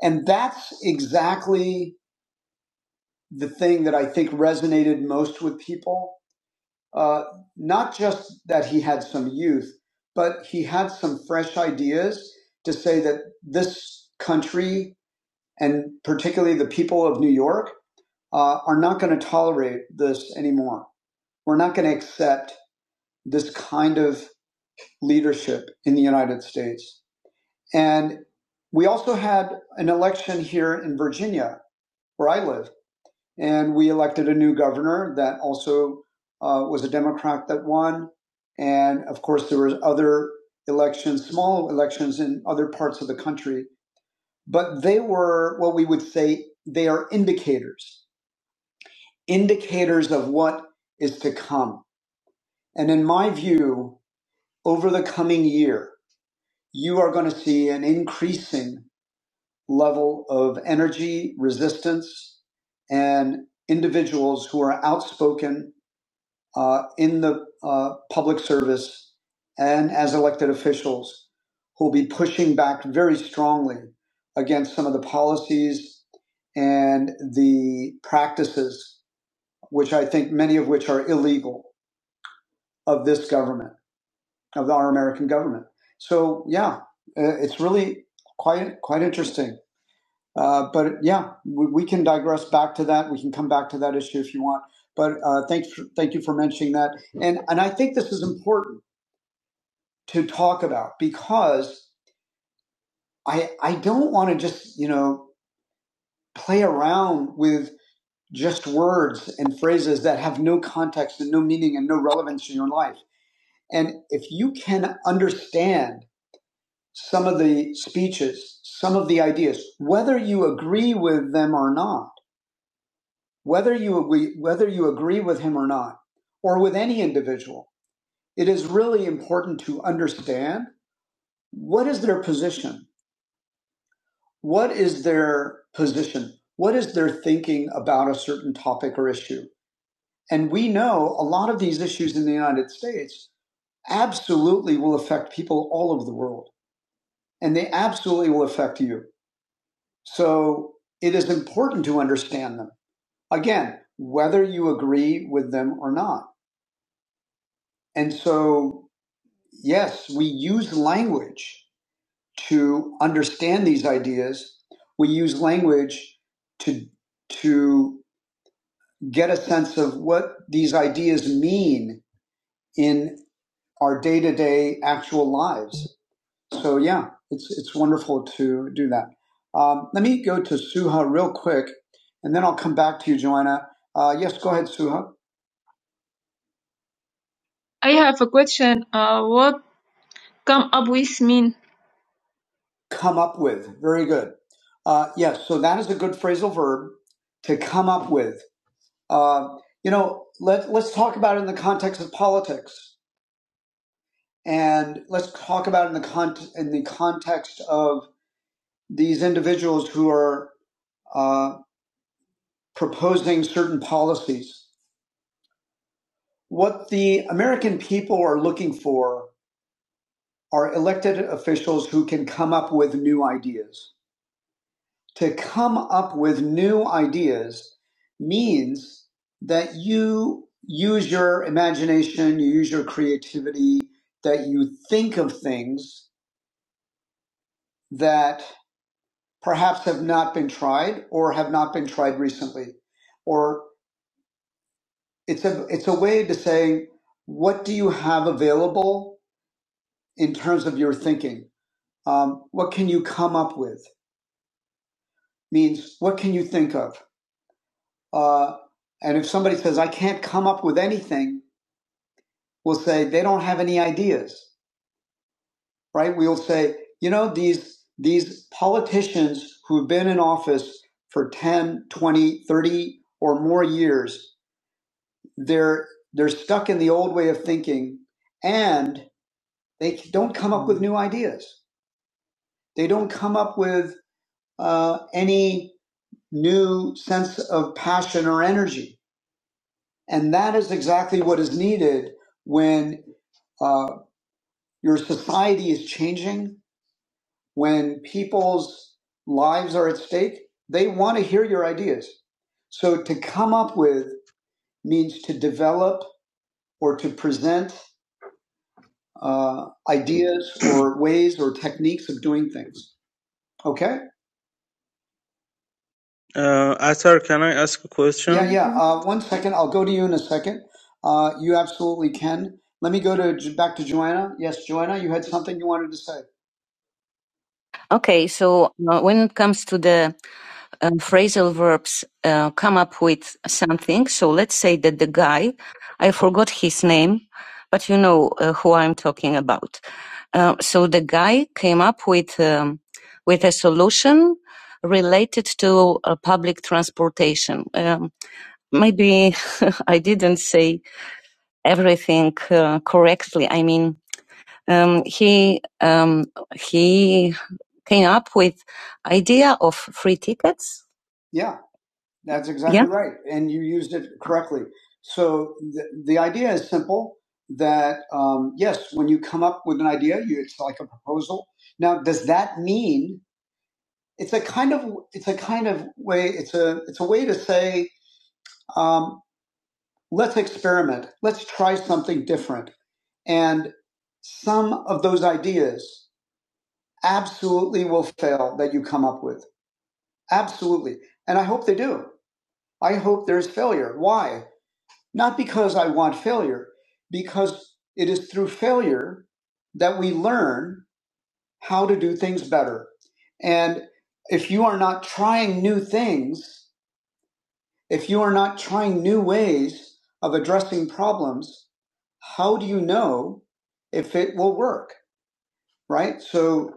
Speaker 1: and that's exactly the thing that i think resonated most with people uh, not just that he had some youth but he had some fresh ideas to say that this country and particularly the people of new york uh, are not going to tolerate this anymore we're not going to accept this kind of leadership in the United States. And we also had an election here in Virginia, where I live, and we elected a new governor that also uh, was a Democrat that won. And of course, there were other elections, small elections in other parts of the country, but they were what we would say they are indicators, indicators of what is to come. And in my view, over the coming year, you are going to see an increasing level of energy, resistance, and individuals who are outspoken uh, in the uh, public service and as elected officials who will be pushing back very strongly against some of the policies and the practices, which I think many of which are illegal of this government, of our American government. So yeah, uh, it's really quite quite interesting. Uh, but yeah, we, we can digress back to that. We can come back to that issue if you want. But uh, thanks, for, thank you for mentioning that. And and I think this is important to talk about because I I don't want to just you know play around with just words and phrases that have no context and no meaning and no relevance in your life. And if you can understand some of the speeches, some of the ideas, whether you agree with them or not whether you agree, whether you agree with him or not, or with any individual, it is really important to understand what is their position, what is their position, what is their thinking about a certain topic or issue. And we know a lot of these issues in the United States absolutely will affect people all over the world, and they absolutely will affect you. So it is important to understand them. Again, whether you agree with them or not. And so Yes, we use language to understand these ideas. We use language to to get a sense of what these ideas mean in our day-to-day actual lives. So yeah, it's it's wonderful to do that. Um, let me go to Suha real quick, and then I'll come back to you, Joanna. Uh, yes, go ahead, Suha. I have a question. Uh, what come up with mean? Come up with. Very good. Uh, yes, so that is a good phrasal verb to come up with. Uh, you know, let, let's talk about it in the context of politics. And let's talk about it in the, con- in the context of these individuals who are uh, proposing certain policies. What the American people are looking for are elected officials who can come up with new ideas to come up with new ideas means that you use your imagination, you use your creativity, that you think of things that perhaps have not been tried or have not been tried recently. Or it's a, it's a way to say, what do you have available in terms of your thinking? Um, what can you come up with? Means what can you think of? Uh, and if somebody says, I can't come up with anything, will say they don't have any ideas, right? We'll say, you know, these these politicians who've been in office for 10, 20, 30, or more years, they're they're stuck in the old way of thinking and they don't come
Speaker 2: You know.
Speaker 1: up with
Speaker 2: Mm.
Speaker 1: new ideas. They don't come up with uh, any new sense of passion or energy. And that is exactly what is needed when uh, your society is changing when people's lives are at stake, they want to hear your ideas. So to come up with means to develop or to present uh, ideas or ways or techniques of doing things. Okay?
Speaker 2: Uh, Atar, can I ask a question?
Speaker 1: Yeah, yeah. Uh, one second. I'll go to you in a second. Uh, you absolutely can. Let me go to back to Joanna. Yes, Joanna, you had something you wanted to say. Okay, so uh, when it comes to the. uh, phrasal verbs uh, come up with something. So let's say that the guy, I forgot his name, but you know uh, who I'm talking about. Uh, so the guy came up with um, with a solution related to uh, public transportation. Um, maybe I didn't say everything uh, correctly. I mean, um, he um, he came up with idea of free tickets Yeah. That's Yeah. exactly yeah. right. And you used it correctly. So the, the idea is simple that, um, yes, when you come up with an idea, you, it's like a proposal. Now, does that mean it's a kind of, it's a kind of way, it's a, it's a way to say, um, let's experiment. Let's try something different. And some of those ideas absolutely will fail that you come up with. Absolutely. And I hope they do. I hope there's failure. Why? Not because I want failure, because it is through failure that we learn how to do things better. And if you are not trying new things, if you are not trying new ways of addressing problems, how do you know if it will work? Right? So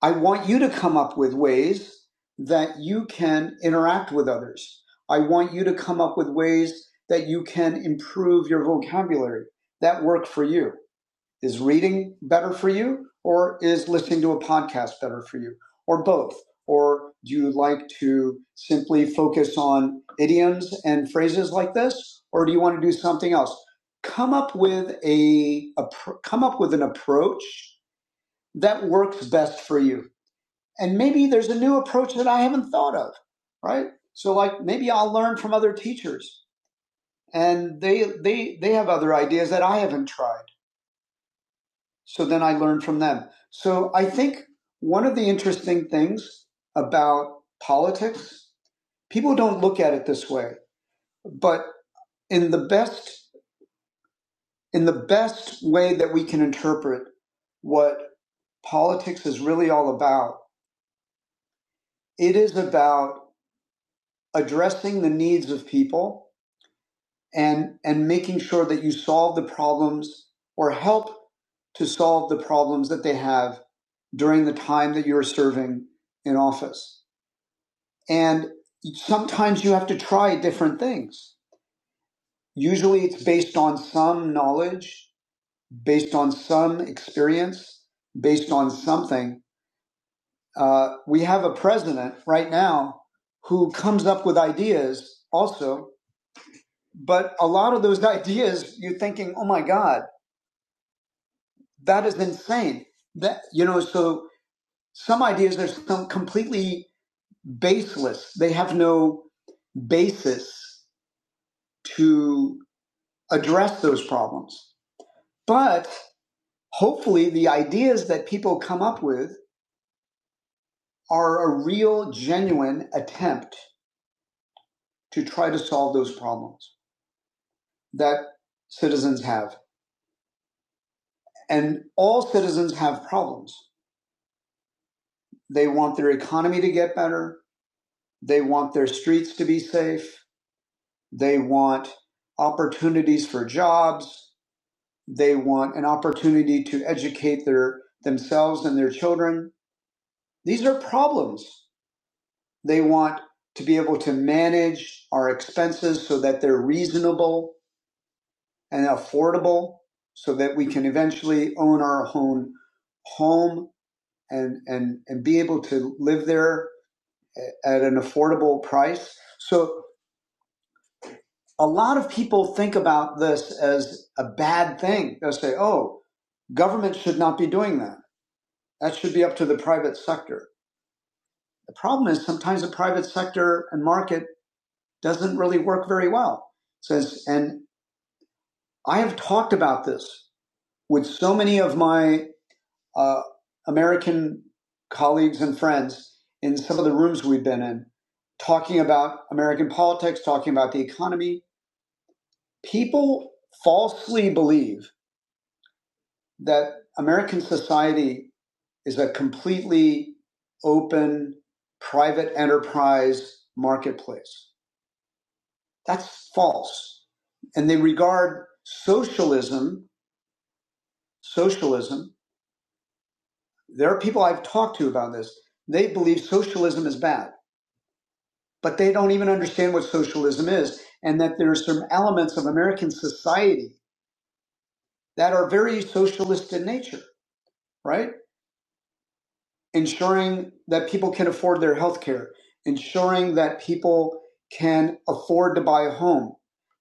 Speaker 1: I want you to come up with ways that you can interact with others. I want you to come up with ways that you can improve your vocabulary that work for you. Is reading better for you, or is listening to a podcast better for you, or both? Or do you like to simply focus on idioms and phrases like this, or do you want to do something else? Come up with a, a come up with an approach that works best for you and maybe there's a new approach that I haven't thought of, right? So like maybe I'll learn from other teachers and they they they have other ideas that I haven't tried. So then I learn from them. So I think one of the interesting things about politics, people don't look at it this way, but in the best in the best way that we can interpret what politics is really all about, it is about addressing the needs of people and and making sure that you solve the problems or help to solve the problems that they have during the time that you're serving in office. And sometimes you have to try different things. Usually it's based on some knowledge, based on some experience, based on something. Uh, we have a president right now who comes up with ideas also, but a lot of those ideas you're thinking, oh my God, That is insane. That you know, so some ideas are some completely baseless. They have no basis to address those problems. But hopefully the ideas that people come up with are a real genuine attempt to try to solve those problems that citizens have. And all citizens have problems. They want their economy to get better. They want their streets to be safe They want opportunities for jobs. They want an opportunity to educate their themselves and their children. These are problems. They want to be able to manage our expenses so that they're reasonable and affordable so that we can eventually own our own home and, and, and be able to live there at an affordable price. So a lot of people think about this as a bad thing. They'll say, oh, government should not be doing that. That should be up to the private sector. The problem is sometimes the private sector and market doesn't really work very well. Says, and I have talked about this with so many of my uh, American colleagues and friends in some of the rooms we've been in, talking about American politics, talking about the economy. People falsely believe that American society is a completely open, private enterprise marketplace. That's false. And they regard socialism, socialism, there are people I've talked to about this. They believe socialism is bad, but they don't even understand what socialism is and that there are some elements of American society that are very socialist in nature, right? ensuring that people can afford their health care, ensuring that people can afford to buy a home,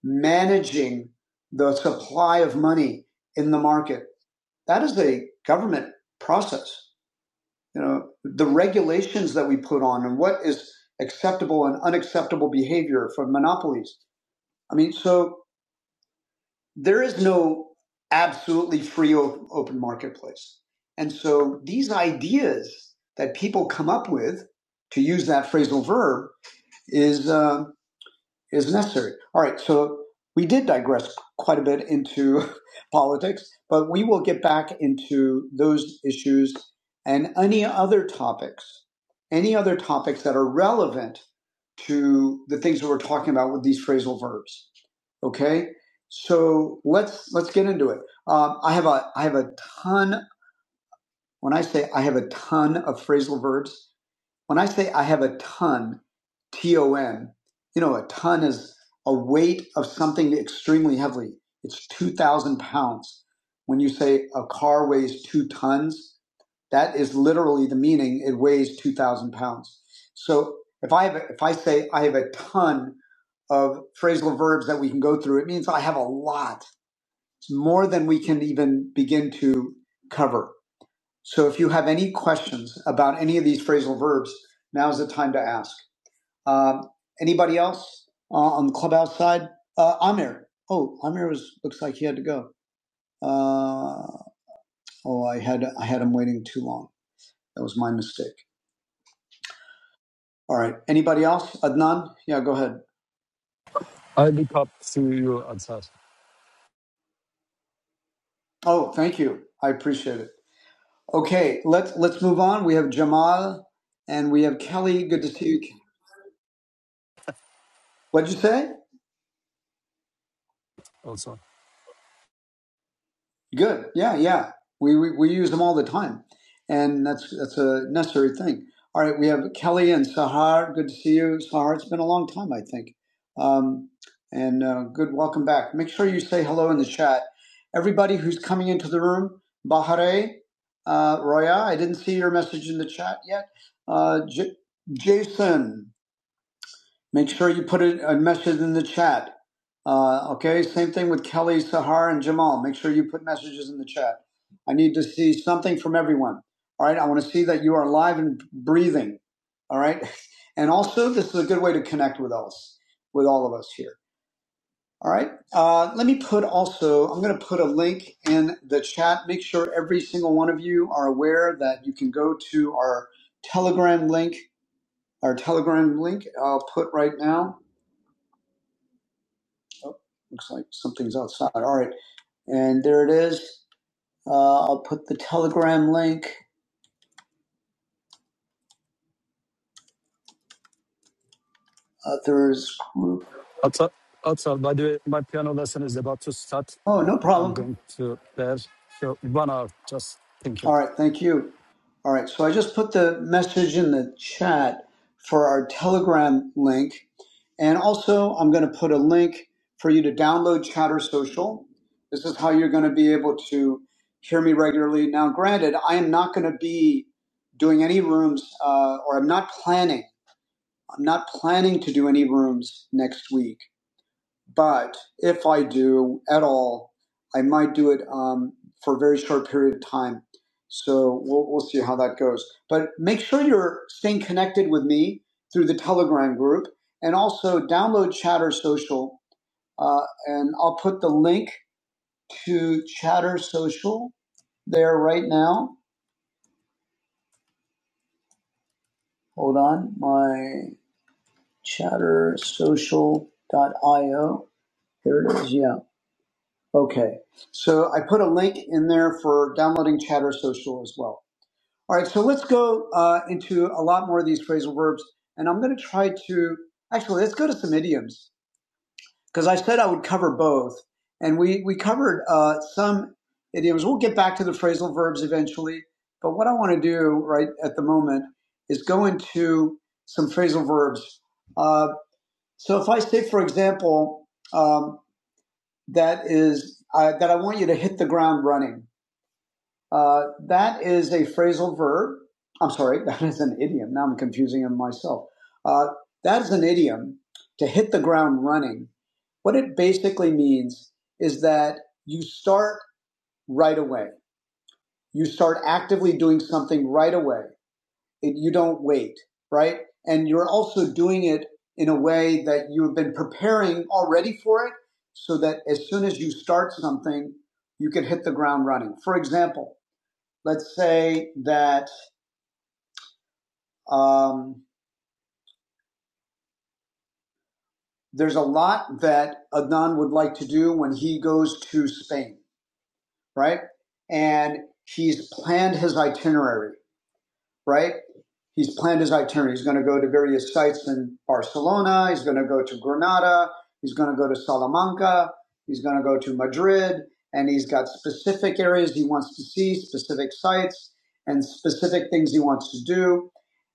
Speaker 1: managing the supply of money in the market. That is a government process. You know, the regulations that we put on and what is acceptable and unacceptable behavior for monopolies. I mean, so there is no absolutely free open marketplace. And so these ideas that people come up with, to use that phrasal verb, is uh, is necessary. All right, so we did digress quite a bit into politics, but we will get back into those issues and any other topics, any other topics that are relevant to the things that we're talking about with these phrasal verbs. Okay, so let's let's get into it. Um, I have a I have a ton. When I say I have a ton of phrasal verbs, when I say I have a ton, T O N, you know, a ton is a weight of something extremely heavily. It's 2,000 pounds. When you say a car weighs two tons, that is literally the meaning. It weighs 2,000 pounds. So if I have, if I say I have a ton of phrasal verbs that we can go through, it means I have a lot. It's more than we can even begin to cover. So if you have any questions about any of these phrasal verbs, now's the time to ask. Um, anybody else uh, on the clubhouse side? Uh, Amir. Oh, Amir was, looks like he had to go. Uh, oh, I had I had him waiting too long. That was my mistake. All right. Anybody else? Adnan? Yeah, go ahead.
Speaker 3: I look up to you, Atar,
Speaker 1: Oh, thank you. I appreciate it. Okay, let's let's move on. We have Jamal and we have Kelly. Good to see you. What'd you say?
Speaker 3: also.
Speaker 1: Good. Yeah, yeah. We, we we use them all the time, and that's that's a necessary thing. All right, we have Kelly and Sahar. Good to see you, Sahar. It's been a long time, I think. Um, and uh, good welcome back. Make sure you say hello in the chat. Everybody who's coming into the room, Bahare, uh, Roya. I didn't see your message in the chat yet. Uh, J- Jason, Make sure you put a message in the chat. Uh, okay, same thing with Kelly, Sahar, and Jamal. Make sure you put messages in the chat. I need to see something from everyone. All right, I want to see that you are alive and breathing. All right, and also this is a good way to connect with us, with all of us here. All right, uh, let me put also. I'm going to put a link in the chat. Make sure every single one of you are aware that you can go to our Telegram link. Our Telegram link I'll put right now Oh, looks like something's outside. All right. And there it is. Uh, I'll put the Telegram link. Others group.
Speaker 3: Atar, Atar, by the way, my piano lesson is about to start.
Speaker 1: Oh, no
Speaker 3: I'm
Speaker 1: problem.
Speaker 3: going to there. So one hour, just thank you.
Speaker 1: All right. Thank you. All right. So I just put the message in the chat for our Telegram link. And also, I'm going to put a link for you to download Chatter Social. This is how you're going to be able to hear me regularly. Now, granted, I am not going to be doing any rooms, uh, or I'm not planning I'm not planning to do any rooms next week, but if I do at all, I might do it um, for a very short period of time. So we'll, we'll see how that goes. But make sure you're staying connected with me through the Telegram group and also download Chatter Social. Uh, and I'll put the link to Chatter Social there right now. Hold on, my Chatter chattersocial.io. Here it is. Yeah. Okay. So I put a link in there for downloading Chatter Social as well. All right. So let's go uh, into a lot more of these phrasal verbs. And I'm going to try to actually, let's go to some idioms because I said I would cover both. And we, we covered uh, some idioms. We'll get back to the phrasal verbs eventually. But what I want to do right at the moment is go into some phrasal verbs. Uh, so if I say, for example, um, that is uh, that I want you to hit the ground running. Uh, that is a phrasal verb. I'm sorry, that is an idiom. Now I'm confusing him myself. Uh, that is an idiom to hit the ground running. What it basically means is that you start right away. You start actively doing something right away. It, you don't wait, right? And you're also doing it in a way that you've been preparing already for it so that as soon as you start something, you can hit the ground running. For example, let's say that um, there's a lot that Adnan would like to do when he goes to Spain, right? And he's planned his itinerary right? He's planned his itinerary. He's going to go to various sites in Barcelona. He's going to go to Granada. He's going to go to Salamanca. He's going to go to Madrid. And he's got specific areas he wants to see, specific sites, and specific things he wants to do.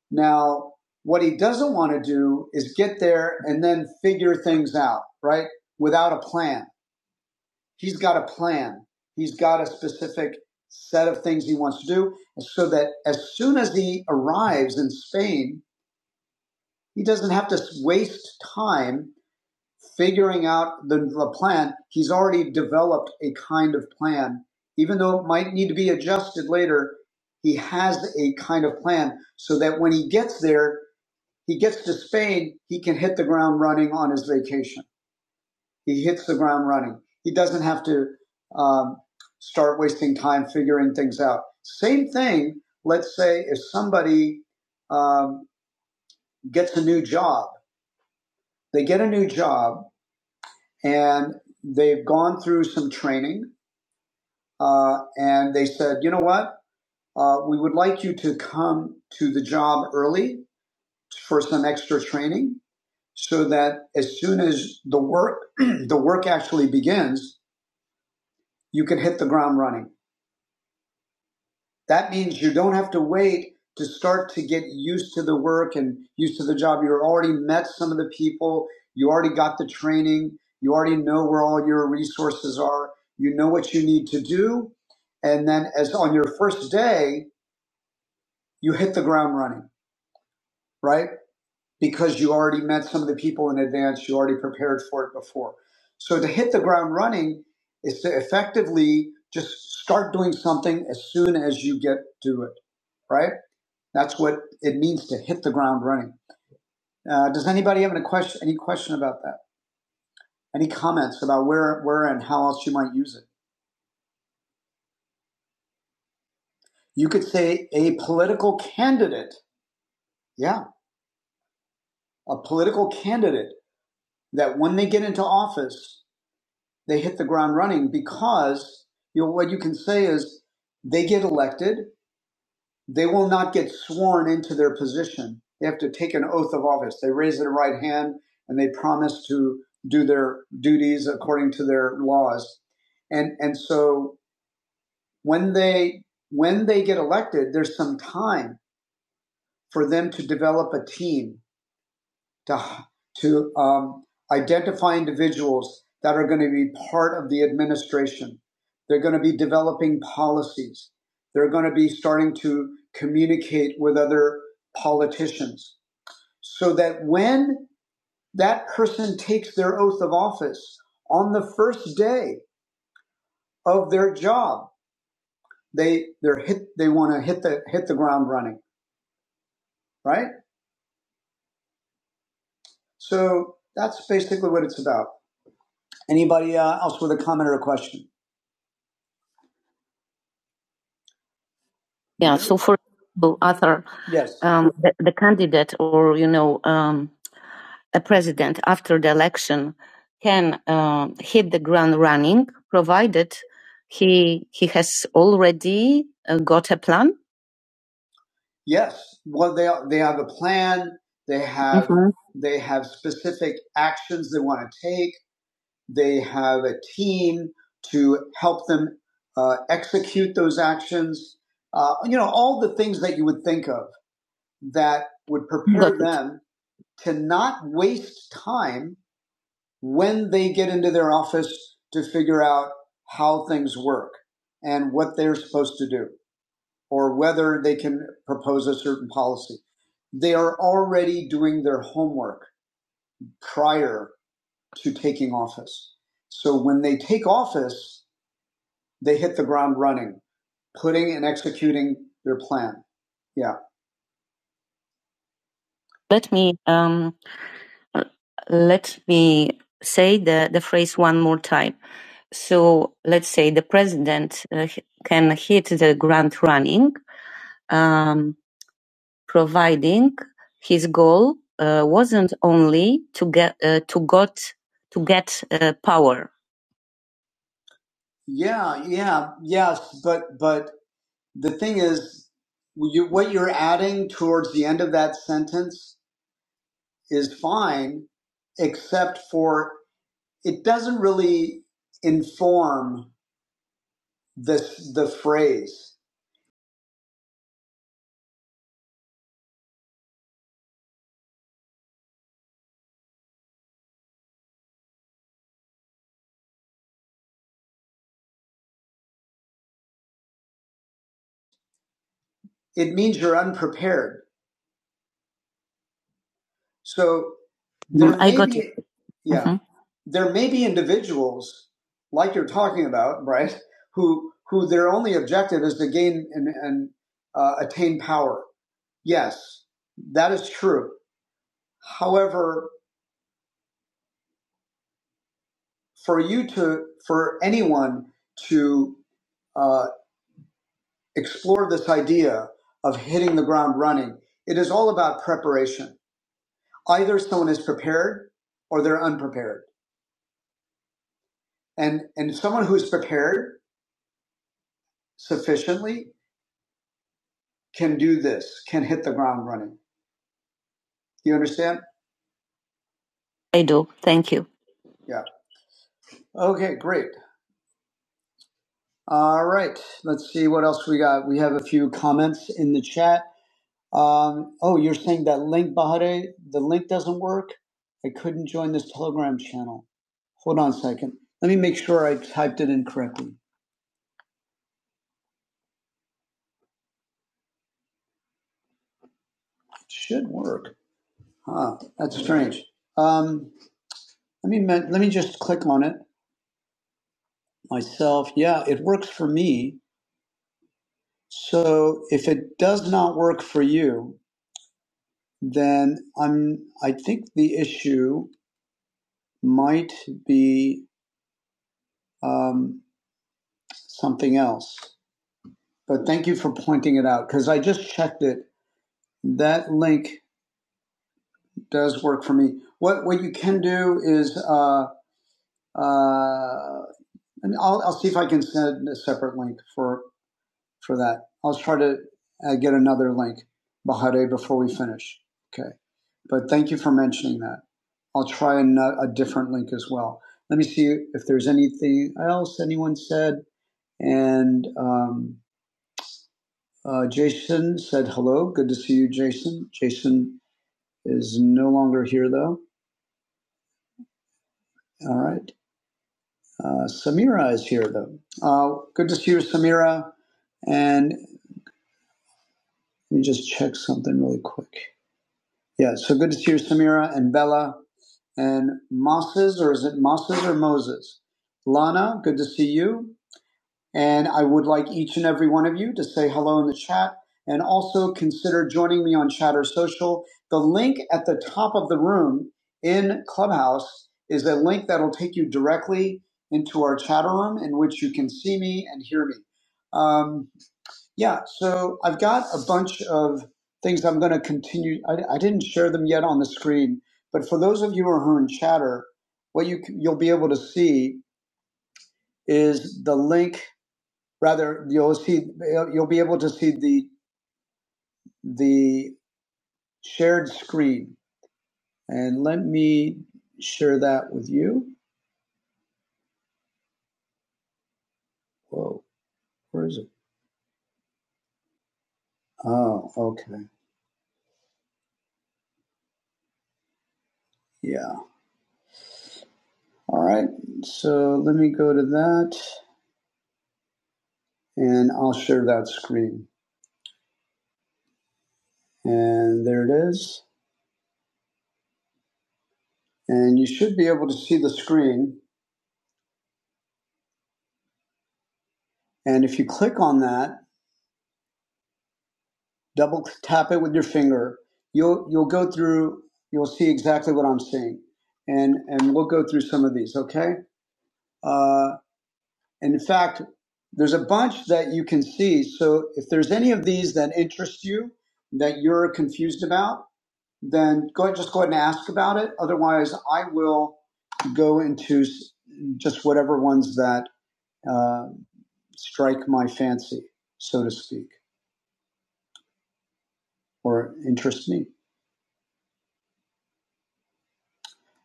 Speaker 1: Now, what he doesn't want to do is get there and then figure things out, right? Without a plan. He's got a plan. He's got a specific set of things he wants to do so that as soon as he arrives in Spain, he doesn't have to waste time figuring out the, the plan. He's already developed a kind of plan. Even though it might need to be adjusted later, he has a kind of plan so that when he gets there, he gets to Spain, he can hit the ground running on his vacation. He hits the ground running. He doesn't have to um, start wasting time figuring things out. Same thing, let's say, if somebody um, gets a new job, they get a new job and they've gone through some training uh, and they said, you know what? Uh, we would like you to come to the job early for some extra training so that as soon as the work the work actually begins you can hit the ground running That means you don't have to wait to start to get used to the work and used to the job. You're already met some of the people. You already got the training. You already know where all your resources are. You know what you need to do. And then as on your first day, you hit the ground running, right? Because you already met some of the people in advance. You already prepared for it before. So to hit the ground running is to effectively just start doing something as soon as you get to it right? That's what it means to hit the ground running. Uh, does anybody have any question? Any question about that? Any comments about where, where, and how else you might use it? You could say a political candidate. Yeah, a political candidate that when they get into office, they hit the ground running because you know, what you can say is they get elected They will not get sworn into their position. They have to take an oath of office. They raise their right hand and they promise to do their duties according to their laws. And and so when they when they get elected, there's some time for them to develop a team to to um, identify individuals that are going to be part of the administration. They're going to be developing policies. They're going to be starting to communicate with other politicians so that when that person takes their oath of office on the first day of their job, they they're hit they want to hit the hit the ground running, right? So that's basically what it's about. Anybody uh, else with a comment or a question? Yeah. So, for example, Arthur, Yes. um, the, the candidate or you know um, a president after the election can uh, hit the ground running, provided he he has already uh, got a plan. Yes. Well, they they have a plan. They have hmm they have specific actions they want to take. They have a team to help them uh, execute those actions. Uh, you know all the things that you would think of that would prepare them to not waste time when they get into their office to figure out how things work and what they're supposed to do or whether they can propose a certain policy. They are already doing their homework prior to taking office. So when they take office, they hit the ground running, putting and executing their plan. Yeah. Let me. um, Uh, Let me say the, the phrase one more time. So let's say the president uh, can hit the ground running, um, providing his goal uh, wasn't only to get uh, to got to get uh, power. Yeah, yeah, yes, but but the thing is, you, what you're adding towards the end of that sentence is fine, except for it doesn't really inform the the phrase. It means you're unprepared. So Mm, there I may got it. be it. yeah, Mhm. there may be individuals like you're talking about, right? Who who their only objective is to gain and, and uh, attain power. Yes, that is true. However, for you to for anyone to uh, explore this idea of hitting the ground running. It is all about preparation. Either someone is prepared or they're unprepared. And, and someone who's prepared sufficiently can do this, can hit the ground running. Do you understand? I do. Thank you. Yeah. Okay, great. All right. Let's see what else we got. We have a few comments in the chat. Um, oh, you're saying that link, Bahare, the link doesn't work? I couldn't join this Telegram channel. Hold on a second. Let me make sure I typed it in correctly. It should work. Huh, that's strange. Um, let me let me just click on it myself. Yeah, it works for me. So if it does not work for you, then I'm. I think the issue might be um, something else. But thank you for pointing it out because I just checked it. That link does work for me. What what you can do is. Uh, Uh, and I'll, I'll see if I can send a separate link for for that. I'll try to uh, get another link, Bahareh, before we finish. Okay. But thank you for mentioning that. I'll try an, uh, a different link as well. Let me see if there's anything else anyone said. And um, uh, Jason said hello. Good to see you, Jason. Jason is no longer here, though. All right. Uh, Samira is here, though. Uh, good to see you, Samira. And let me just check something really quick. Yeah, so good to see you, Samira and Bella and Moses, or is it Moses or Moses? Lana, good to see you. And I would like each and every one of you to say hello in the chat and also consider joining me on Chatter Social. The link at the top of the room in Clubhouse is a link that'll take you directly into our chatter room in which you can see me and hear me. Um, yeah, so I've got a bunch of things I'm going to continue. I, I didn't share them yet on the screen, but for those of you who are in Chatter, what you, c- you'll be able to see is the link Rather, you'll see you'll be able to see the the shared screen. And let me share that with you. Whoa, where is it? Oh, okay. Yeah. All right. So let me go to that and I'll share that screen. And there it is. And you should be able to see the screen. And if you click on that, double tap it with your finger. You'll you'll go through. You'll see exactly what I'm seeing, and and we'll go through some of these. Okay. Uh, and in fact, there's a bunch that you can see. So if there's any of these that interest you, that you're confused about, then go ahead, just go ahead and ask about it. Otherwise, I will go into just whatever ones that uh, strike my fancy, so to speak, or interest me.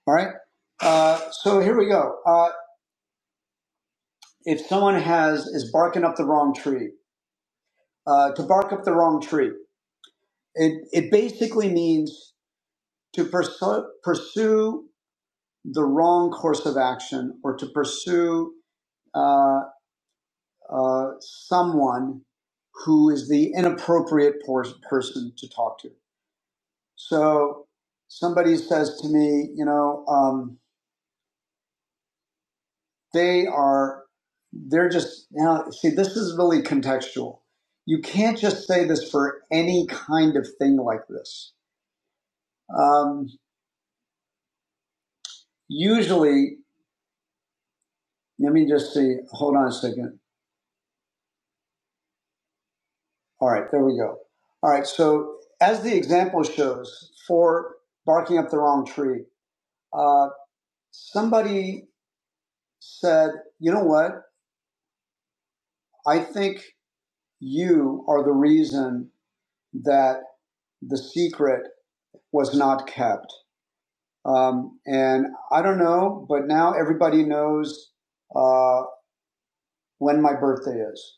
Speaker 1: All right. Uh, so here we go. Uh, if someone has is barking up the wrong tree, uh, to bark up the wrong tree, it, it basically means to pursue, pursue the wrong course of action or to pursue uh, uh, someone who is the inappropriate por- person to talk to. So somebody says to me, you know. Um, They are, they're just, now, see, this is really contextual. You can't just say this for any kind of thing like this. Um, usually, let me just see, hold on a second. All right, there we go. All right, so as the example shows for barking up the wrong tree, uh, somebody said, you know what? I think you are the reason that the secret was not kept. Um, and I don't know, but now everybody knows uh, when my birthday is.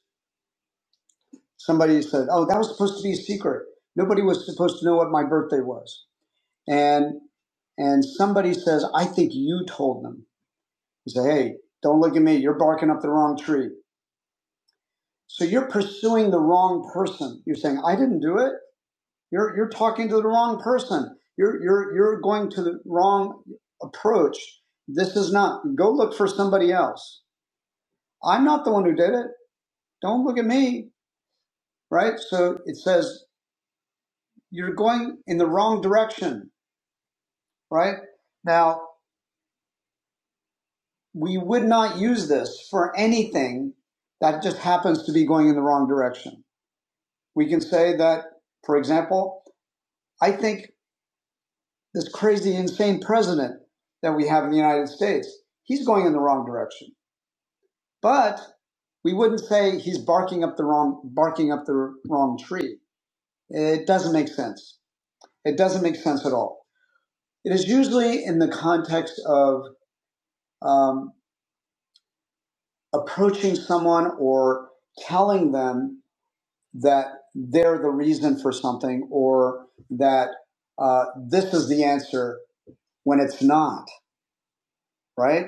Speaker 1: Somebody said, "Oh, that was supposed to be a secret. Nobody was supposed to know what my birthday was." And and somebody says, "I think you told them." You say, "Hey, don't look at me. You're barking up the wrong tree." So you're pursuing the wrong person. You're saying, "I didn't do it." You're you're talking to the wrong person. You're you're you're going to the wrong approach. This is not. Go look for somebody else I'm not the one who did it. Don't look at me, right? So it says you're going in the wrong direction, right? Now, we would not use this for anything that just happens to be going in the wrong direction. We can say that, for example, I think this crazy, insane president that we have in the United States, he's going in the wrong direction. But we wouldn't say he's barking up the wrong barking up the wrong tree. It doesn't make sense. It doesn't make sense at all. It is usually in the context of um, approaching someone or telling them that they're the reason for something or that uh, this is the answer when it's not, right?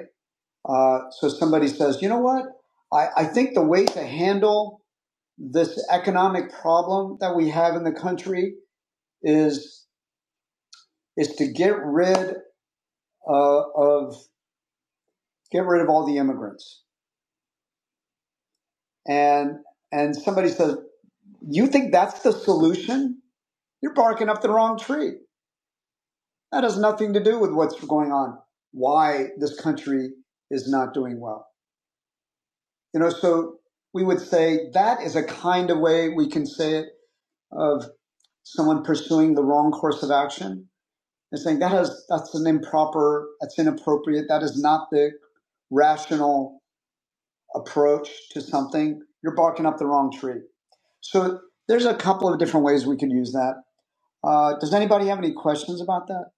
Speaker 1: Uh, so somebody says, you know what? I, I think the way to handle this economic problem that we have in the country is is to get rid uh, of get rid of all the immigrants and and somebody says, "You think that's the solution? You're barking up the wrong tree. That has nothing to do with what's going on. Why this country is not doing well." You know, so we would say that is a kind of way we can say it of someone pursuing the wrong course of action and saying that has that's an improper, that's inappropriate, that is not the rational approach to something. You're barking up the wrong tree. So there's a couple of different ways we could use that. Uh, does anybody have any questions about that?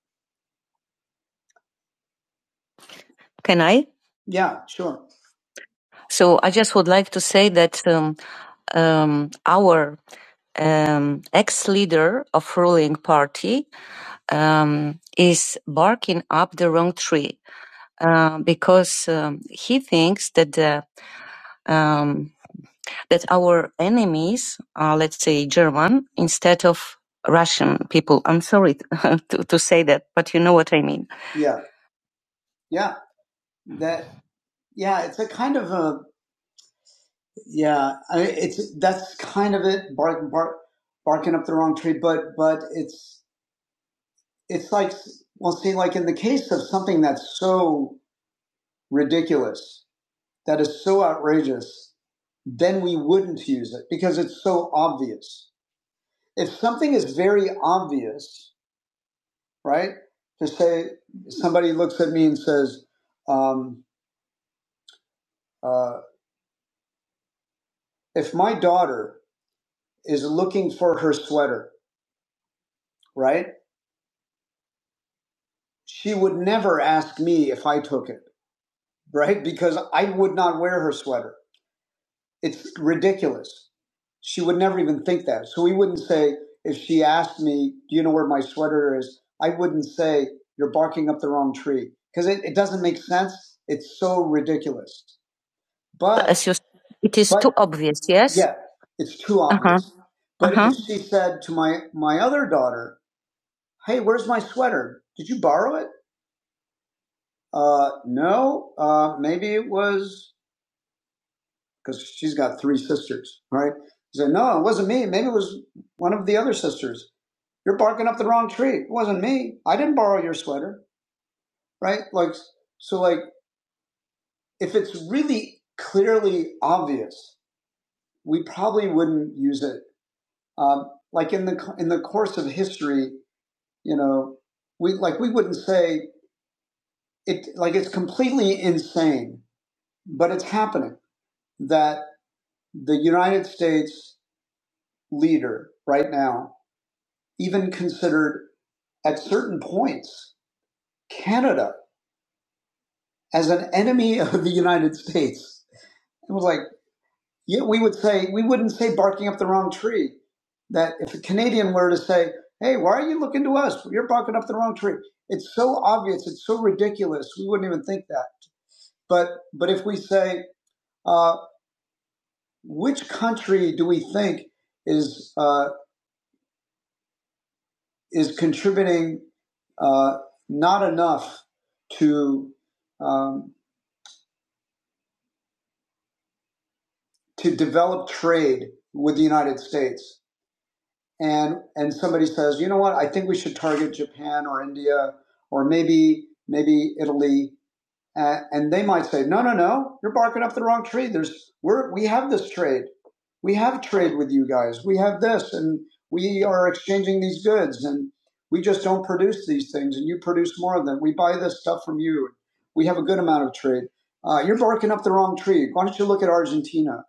Speaker 1: Can I? Yeah, sure. So I just would like to say that um, um, our um, ex-leader of ruling party um, is barking up the wrong tree uh, because um, he thinks that the um, that our enemies are, let's say, German instead of Russian people. I'm sorry to, to say that, but you know what I mean. Yeah, yeah, that yeah, it's a kind of a yeah. I mean, it's that's kind of it. Bark, bark, barking up the wrong tree, but but it's it's like well, see, like in the case of something that's so ridiculous, that is so outrageous, then we wouldn't use it because it's so obvious. if something is very obvious, right? To say somebody looks at me and says, um, uh, "If my daughter is looking for her sweater, right? She would never ask me if I took it, right? Because I would not wear her sweater. It's ridiculous. She would never even think that. So we wouldn't say if she asked me, "Do you know where my sweater is?" I wouldn't say you're barking up the wrong tree because it, it doesn't make sense. It's so ridiculous But As you, it is but too obvious. Yes. yeah, it's too Uh huh. obvious. Uh But huh. she said to my my other daughter, "Hey, where's my sweater? Did you borrow it?" Uh, no. Uh, maybe it was because she's got three sisters, right? She said, "No, it wasn't me. Maybe it was one of the other sisters. You're barking up the wrong tree. It wasn't me. I didn't borrow your sweater, right?" Like so, like if it's really clearly obvious, we probably wouldn't use it Um, like in the in the course of history, you know, we like we wouldn't say it like it's completely insane, but it's happening that the United States leader right now even considered at certain points Canada as an enemy of the United States. It was like yeah, we would say we wouldn't say barking up the wrong tree. That if a Canadian were to say, "Hey, why are you looking to us? You're barking up the wrong tree." It's so obvious. It's so ridiculous. We wouldn't even think that. But but if we say, uh, "Which country do we think is uh, is contributing uh, not enough to um, to develop trade with the United States?" and and somebody says, you know what, I think we should target Japan or India or maybe maybe Italy, uh, and they might say, no, no, no, you're barking up the wrong tree. There's we're we have this trade, we have trade with you guys, we have this, and we are exchanging these goods, and we just don't produce these things, and you produce more of them. We buy this stuff from you. We have a good amount of trade. Uh, you're barking up the wrong tree. Why don't you look at Argentina?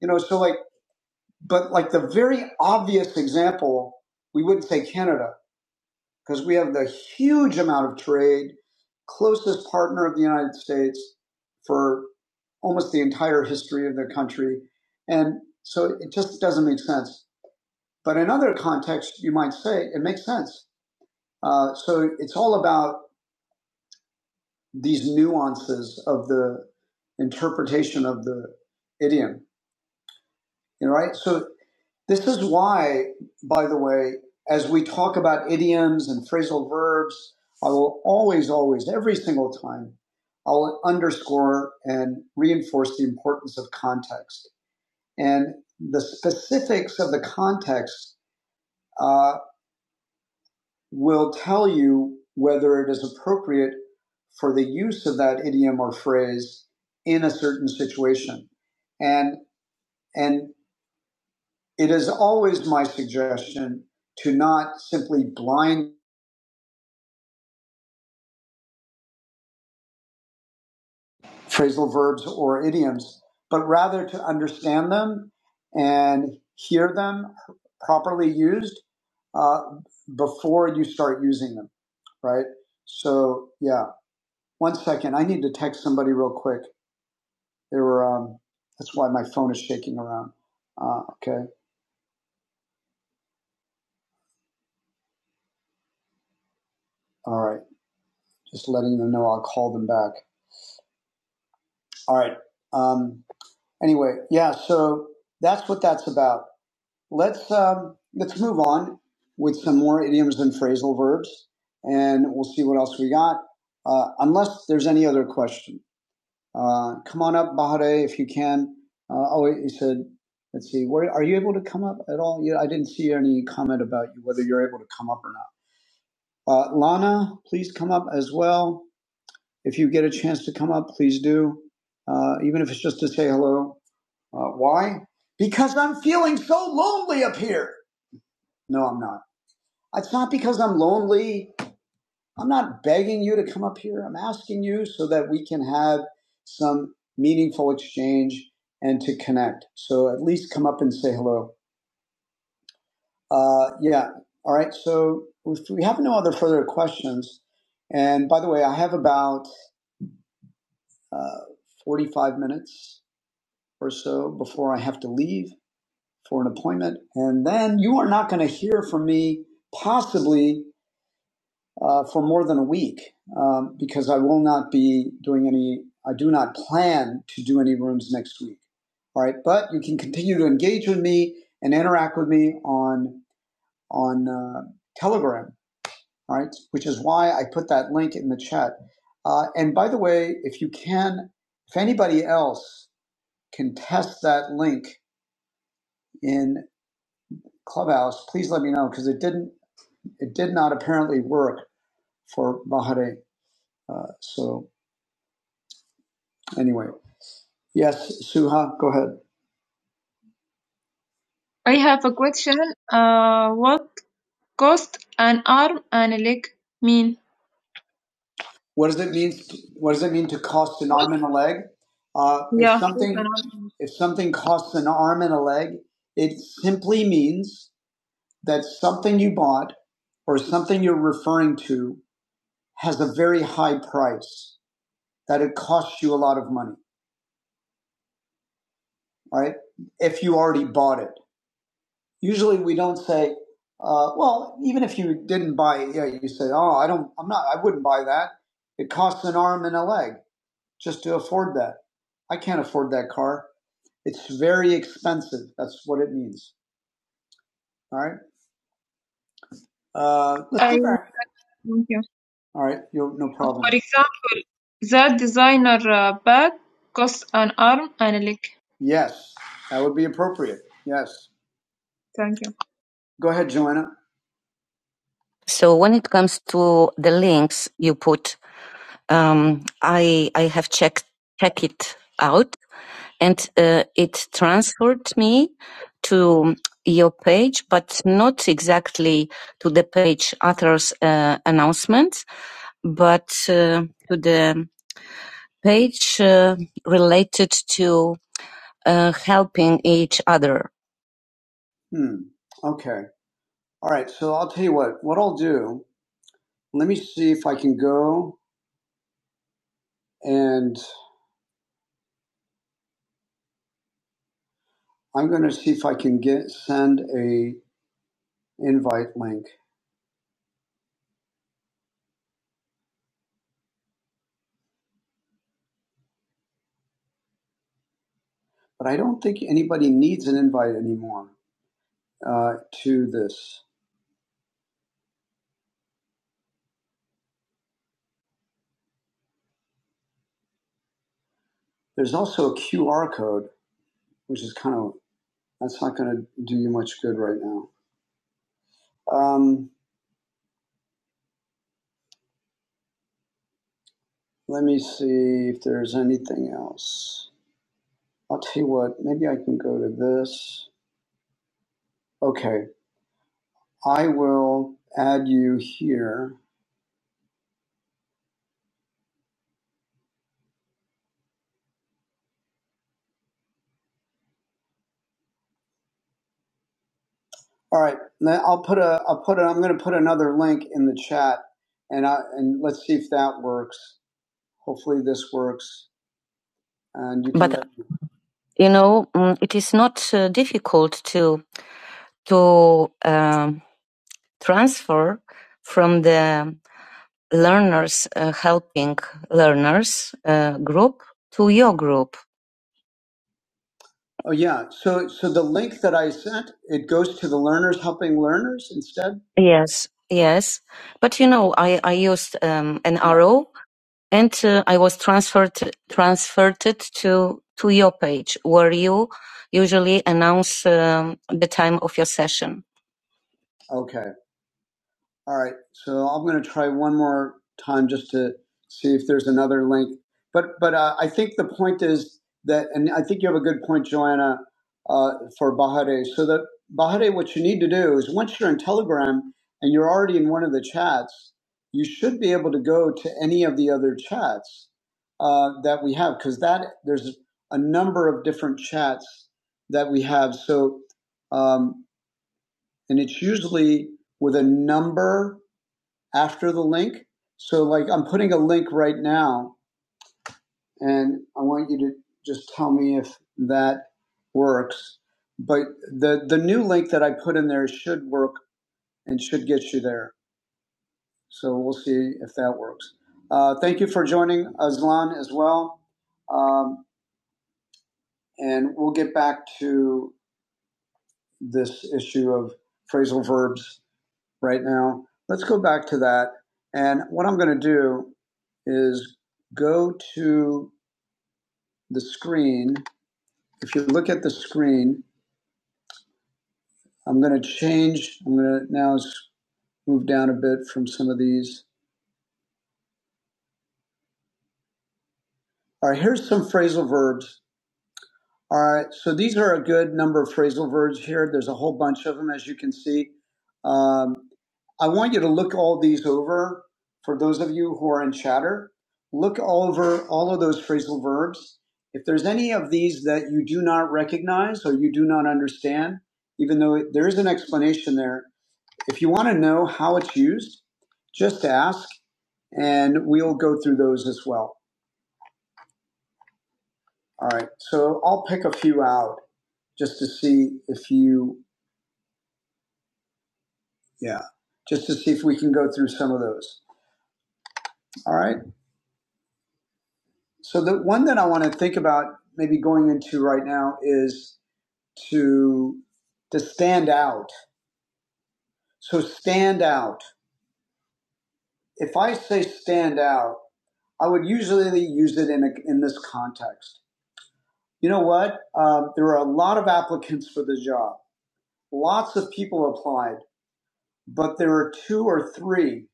Speaker 1: You know, so like but like the very obvious example, we wouldn't say Canada because we have the huge amount of trade, closest partner of the United States for almost the entire history of the country. And so it just doesn't make sense. But in other contexts, you might say it makes sense. Uh, so it's all about these nuances of the interpretation of the idiom, you know, right? So This is why, by the way, as we talk about idioms and phrasal verbs, I will always, always, every single time, I'll underscore and reinforce the importance of context. And the specifics of the context uh, will tell you whether it is appropriate for the use of that idiom or phrase in a certain situation. And, and It is always my suggestion to not simply blind phrasal verbs or idioms, but rather to understand them and hear them properly used uh, before you start using them, right? So, yeah. One second. I need to text somebody real quick. They were, um, that's why my phone is shaking around. Uh, okay. All right. Just letting them know I'll call them back. All right. Um, Anyway, yeah. So that's what that's about. Let's um, let's move on with some more idioms and phrasal verbs, and we'll see what else we got. Uh, unless there's any other question, uh, come on up, Bahare, if you can. Uh, oh, he said. Let's see. What, are you able to come up at all? Yeah, I didn't see any comment about you whether you're able to come up or not. Uh, Lana, please come up as well. If you get a chance to come up, please do. Uh, even if it's just to say hello, uh, why? Because I'm feeling so lonely up here. No, I'm not. It's not because I'm lonely. I'm not begging you to come up here. I'm asking you so that we can have some meaningful exchange and to connect. So at least come up and say hello. Uh, yeah. All right. So if we have no other further questions, and by the way, I have about uh, 45 minutes or so before I have to leave. for an appointment. And then you are not going to hear from me possibly uh, for more than a week um, because I will not be doing any, I do not plan to do any rooms next week. All right. But you can continue to engage with me and interact with me on, on uh, Telegram. All right. Which is why I put that link in the chat. Uh, and by the way, if you can, if anybody else can test that link in Clubhouse, please let me know because it didn't It did not apparently work for Bahare. Uh, so anyway, yes, Suha, go ahead. I have a question. Uh, what cost an arm and a leg mean? What does it mean? What does it mean to cost an arm and a leg? Uh, if Yeah, cost something if something costs an arm and a leg, it simply means that something you bought or something you're referring to has a very high price. That it costs you a lot of money. right? If you already bought it. Usually we don't say, uh, well, even if you didn't buy it, yeah, you say, oh, I don't, I'm not, I wouldn't buy that. It costs an arm and a leg just to afford that. I can't afford that car. It's very expensive. That's what it means. All right. Uh, let's go Thank you. All right. You You're no problem. For example, that designer uh, bag costs an arm and a leg. Yes, that would be appropriate. Yes. Thank you. Go ahead, Joanna. So when it comes to the links you put, um, I I have checked check it out, and uh, it transferred me to your page, but not exactly to the page author's uh, announcements, but uh, to the page uh, related to uh, helping each other. Hmm. Okay. All right. So I'll tell you what. What I'll do. Let me see if I can go. and I'm going to see if I can get send a invite link. But I don't think anybody needs an invite anymore uh, to this. There's also a QR code, which is kind of that's not going to do you much good right now. Um, let me see if there's anything else. I'll tell you what. Maybe I can go to this. Okay, I will add you here. All right, Now, I'll put a I'll put a I'm going to put another link in the chat, and I and let's see if that works. Hopefully, this works. And you can but you know, mm, it is not uh, difficult to to um, transfer from the learners uh, helping learners uh, group to your group. Oh yeah. So so the link that I sent it goes to the learners helping learners instead. Yes, yes. But you know, I I used um, an RO and uh, I was transferred transferred it to to your page where you usually announce um, the time of your session. Okay. All right, so I'm going to try one more time just to see if there's another link. But but uh, I think the point is that, and I think you have a good point, Joanna, uh, for Bahare. So that Bahare, what you need to do is once you're in Telegram and you're already in one of the chats, you should be able to go to any of the other chats uh, that we have because that there's a number of different chats that we have. So um, and it's usually with a number after the link. So like I'm putting a link right now and I want you to just tell me if that works. But the the new link that I put in there should work and should get you there. So we'll see if that works. Uh, thank you for joining Aslan as well. Um, and we'll get back to this issue of phrasal verbs right now. Let's go back to that. And what I'm going to do is go to the screen. If you look at the screen, I'm going to change. I'm going to now move down a bit from some of these. All right, here's some phrasal verbs. All right, so these are a good number of phrasal verbs here. There's a whole bunch of them, as you can see. Um, I want you to look all these over for those of you who are in chatter. Look all over all of those phrasal verbs. If there's any of these that you do not recognize or you do not understand, even though there is an explanation there, If you want to know how it's used, just ask and we'll go through those as well. All right. So I'll pick a few out just to see if you, yeah, just to see if we can go through some of those. All right. So the one that I want to think about maybe going into right now is to to stand out. So stand out. If I say stand out, I would usually use it in a, in this context. You know what? Um, there were a lot of applicants for the job. Lots of people applied, but there were two or three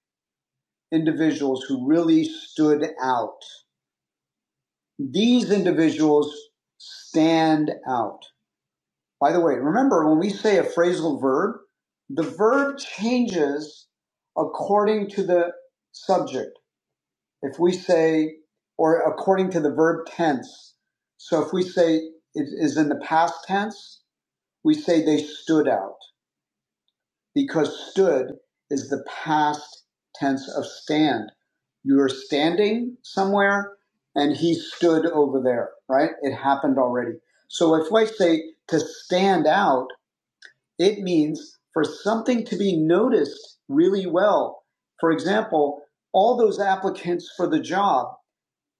Speaker 1: individuals who really stood out. These individuals stand out. By the way, remember when we say a phrasal verb, the verb changes according to the subject. If we say, or according to the verb tense. So if we say it is in the past tense, We say they stood out because stood is the past tense of stand. You were standing somewhere and he stood over there, right? It happened already. So if I say to stand out, it means for something to be noticed really well. For example, all those applicants for the job,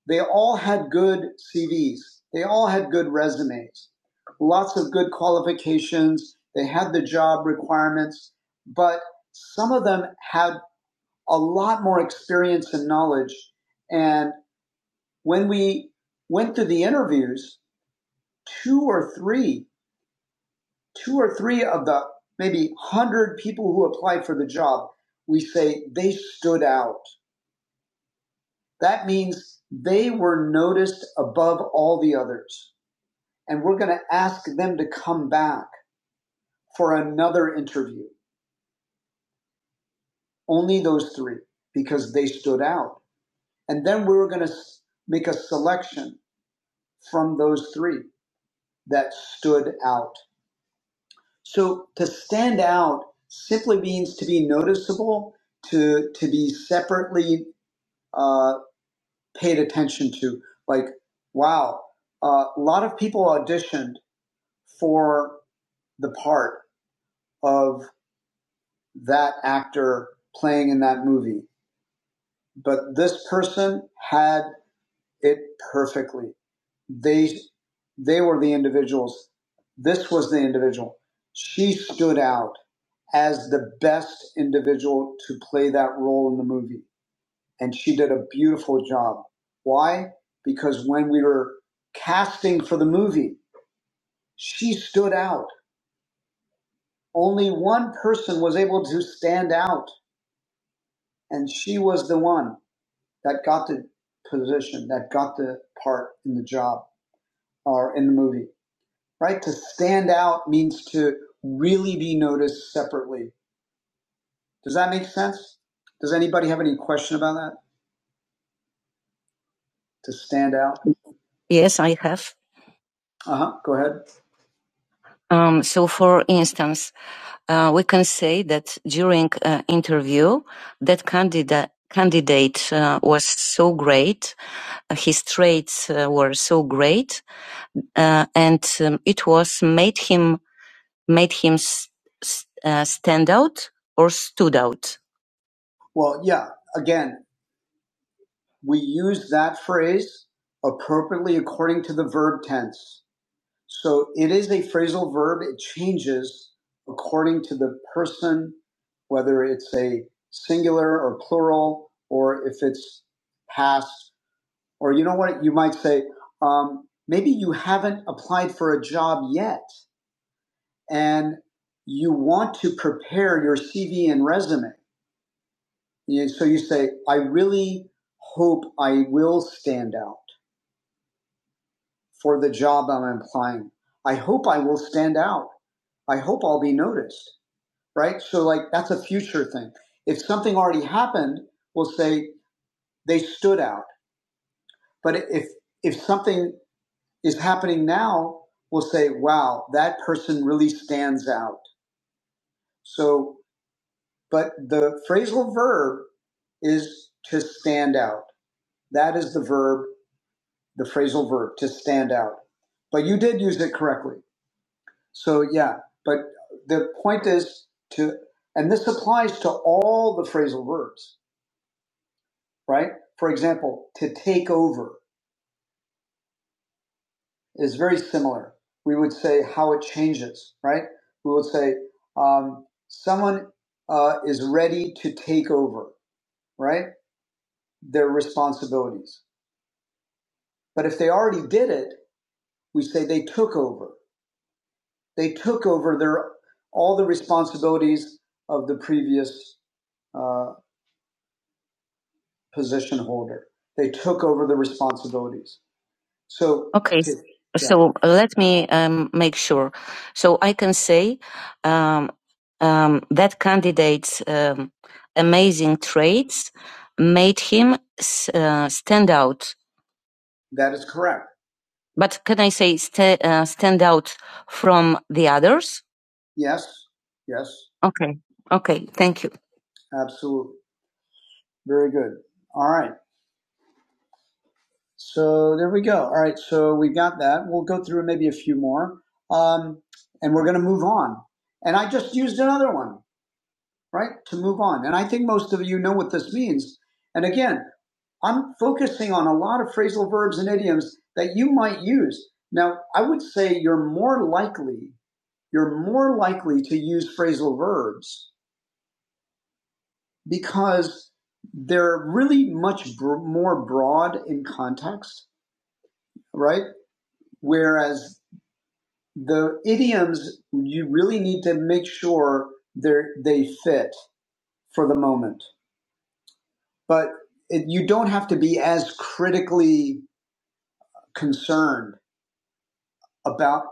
Speaker 1: they all had good CVs. They all had good resumes, lots of good qualifications. They had the job requirements, but some of them had a lot more experience and knowledge. And when we went through the interviews, two or three, two or three of the maybe 100 people who applied for the job, we say they stood out. That means they were noticed above all the others. and we're going to ask them to come back for another interview. Only those three because they stood out. And then we were going to make a selection from those three that stood out. So to stand out simply means to be noticeable, to to be separately uh, paid attention to. Like, wow, uh, a lot of people auditioned for the part of that actor playing in that movie. But this person had it perfectly. They they were the individuals. This was the individual. She stood out as the best individual to play that role in the movie. And she did a beautiful job. Why? Because when we were casting for the movie, she stood out. Only one person was able to stand out, and she was the one. that got the position, that got the part in the job or in the movie, right? To stand out means to really be noticed separately. Does that make sense? Does anybody have any question about that? To stand out? Yes, I have. Uh huh. Go ahead. Um, so, for instance, uh, we can say that during uh, interview, that candidate candidate uh, was so great, uh, his traits uh, were so great uh, and um, it was made him made him s- uh, stand out or stood out. Well, yeah, again, we use that phrase appropriately according to the verb tense. So it is a phrasal verb. It changes according to the person, whether it's a singular or plural, or if it's past, or you know what, you might say, um, maybe you haven't applied for a job yet. and you want to prepare your CV and resume. So you say, I really hope I will stand out for the job I'm applying. I hope I will stand out. I hope I'll be noticed, right? So, like, that's a future thing. If something already happened, we'll say they stood out. But if if something is happening now, we'll say, wow, that person really stands out. So But the phrasal verb is to stand out. That is the verb, the phrasal verb, to stand out. But you did use it correctly. So, yeah, but the point is to, and this applies to all the phrasal verbs, right? For example, to take over is very similar. We would say how it changes, right? We would say, um, someone uh, is ready to take over, right? Their responsibilities But if they already did it, we say they took over. They took over their all the responsibilities of the previous uh, position holder. They took over the responsibilities. So Okay, s- yeah, so let me um, make sure. So I can say um, um, that candidate's um, amazing traits made him uh, stand out. that is correct. But can I say sta uh, stand out from the others? Yes, yes, Okay. Okay. Thank you. absolutely. Very good. All right. So there we go. All right. So we've got that. We'll go through maybe a few more. Um, and we're going to move on. And I just used another one, right? To move on. And I think most of you know what this means. And again, I'm focusing on a lot of phrasal verbs and idioms that you might use. Now, I would say you're more likely you're more likely to use phrasal verbs because they're really much br- more broad in context, right? Whereas the idioms, you really need to make sure they they fit for the moment, but it, you don't have to be as critically concerned about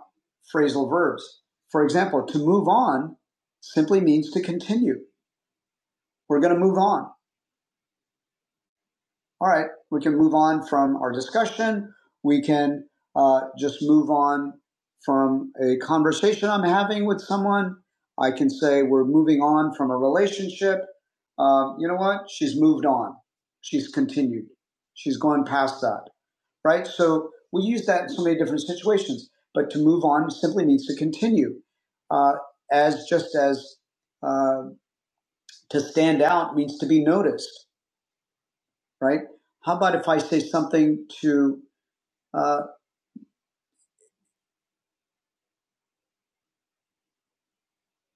Speaker 1: phrasal verbs. For example, to move on simply means to continue. We're going to move on All right, we can move on from our discussion. We can uh, just move on from a conversation I'm having with someone. I can say we're moving on from a relationship. Um, you know what? She's moved on. She's continued. She's gone past that. Right? So we use that in so many different situations. But to move on simply means to continue. Uh, as just as uh, to stand out means to be noticed right? How about if I say something to, uh,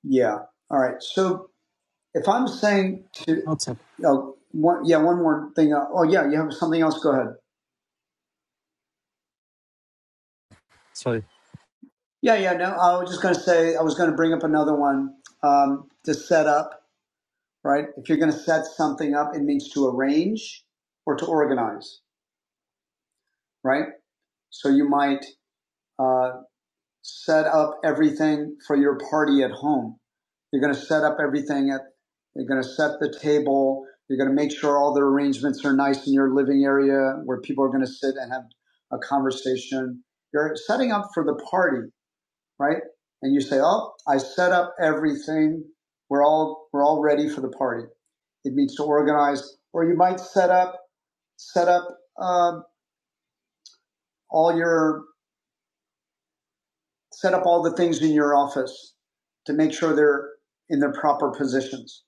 Speaker 1: yeah, all right. So if I'm saying to,
Speaker 3: What's up?
Speaker 1: oh, one, yeah, one more thing. Uh, oh, yeah, you have something else? Go ahead.
Speaker 3: Sorry.
Speaker 1: Yeah, yeah, no, I was just going to say, I was going to bring up another one um, to set up, right? If you're going to set something up, it means to arrange or to organize, right? So you might, uh, set up everything for your party at home. You're going to set up everything at, you're going to set the table. You're going to make sure all the arrangements are nice in your living area where people are going to sit and have a conversation. You're setting up for the party, right? And you say, "Oh, I set up everything. We're all we're all ready for the party." It means to organize, or you might set up set up um all your set up all the things in your office to make sure they're in their proper positions,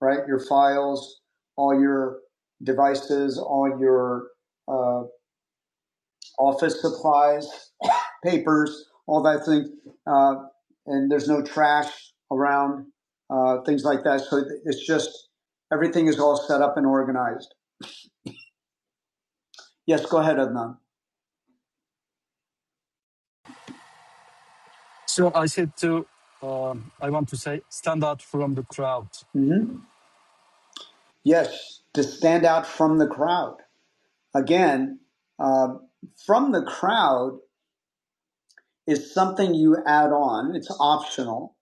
Speaker 1: right? Your files, all your devices, all your uh, office supplies, papers, all that thing. Uh, and there's no trash around, uh, things like that. So it's just everything is all set up and organized. Yes, go ahead, Adnan.
Speaker 3: So I said to, um, I want to say, stand out from the crowd.
Speaker 1: hmm Yes, to stand out from the crowd. Again, uh, from the crowd is something you add on. It's optional.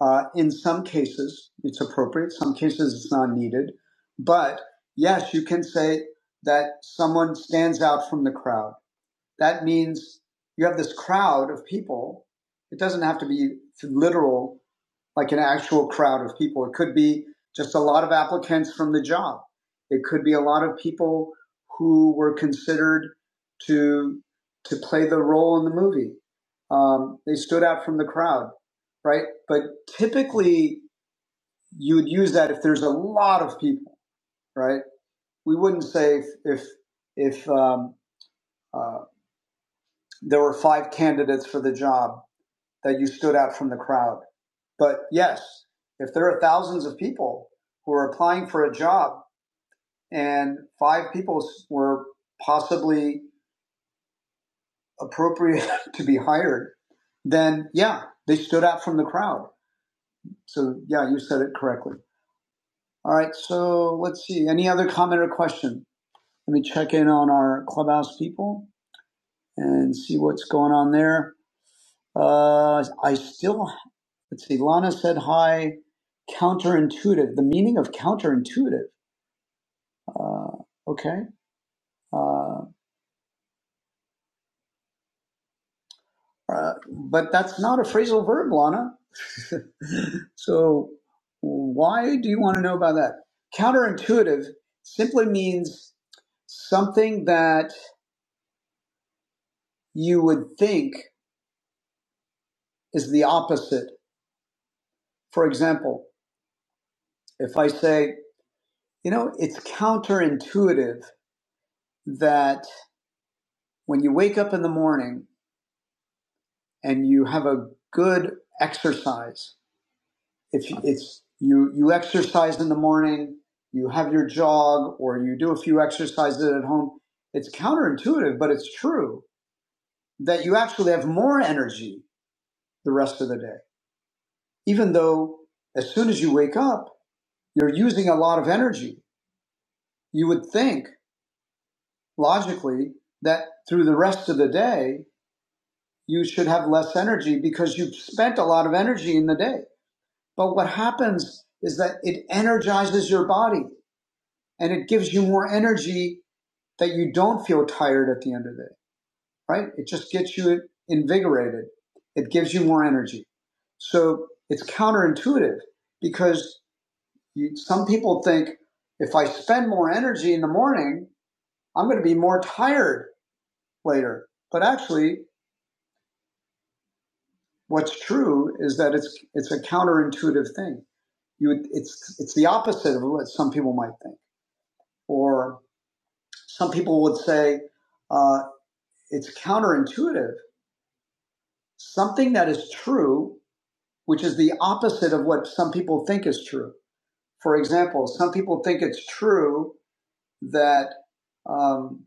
Speaker 1: Uh, in some cases, it's appropriate. Some cases, it's not needed. But yes, you can say that someone stands out from the crowd. That means you have this crowd of people. It doesn't have to be literal like an actual crowd of people. It could be just a lot of applicants from the job. It could be a lot of people who were considered to to play the role in the movie. Um, they stood out from the crowd, right? But typically, you would use that if there's a lot of people, right? We wouldn't say if if, if um, uh, there were five candidates for the job that you stood out from the crowd. But yes, if there are thousands of people who are applying for a job and five people were possibly appropriate to be hired, then yeah, they stood out from the crowd. So yeah, you said it correctly. All right, so let's see. Any other comment or question? Let me check in on our clubhouse people and see what's going on there. Uh, I still, let's see, Lana said hi, counterintuitive, the meaning of counterintuitive. Uh, okay. Uh, uh, but that's not a phrasal verb, Lana. so why do you want to know about that? Counterintuitive simply means something that you would think is the opposite. For example, if I say, you know, it's counterintuitive that when you wake up in the morning and you have a good exercise, if it's you, you exercise in the morning, you have your jog, or you do a few exercises at home, it's counterintuitive, but it's true that you actually have more energy the rest of the day. Even though as soon as you wake up, you're using a lot of energy. You would think logically that through the rest of the day, you should have less energy because you've spent a lot of energy in the day But what happens is that it energizes your body and it gives you more energy that you don't feel tired at the end of the day, right? It just gets you invigorated. It gives you more energy. So it's counterintuitive because you, some people think if I spend more energy in the morning, I'm going to be more tired later. But actually, what's true is that it's it's a counterintuitive thing. You it's it's the opposite of what some people might think. Or Some people would say uh, it's counterintuitive. Something that is true, which is the opposite of what some people think is true. For example, some people think it's true that um,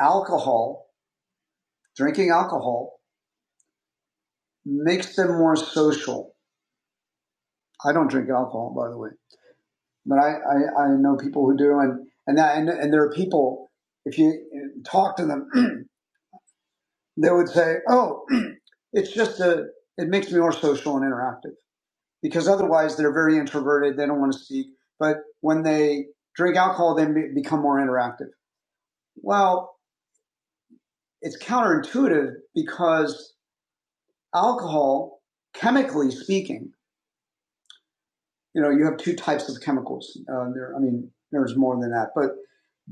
Speaker 1: alcohol, drinking alcohol, makes them more social. I don't drink alcohol, by the way, but I, I, I know people who do, and and that and, and there are people. If you uh, talk to them, they would say, "Oh, it's just a. It makes me more social and interactive." because otherwise they're very introverted. They don't want to speak. But when they drink alcohol, they become more interactive. Well, it's counterintuitive because alcohol, chemically speaking, you know, you have two types of chemicals. Uh, there, I mean, there's more than that, but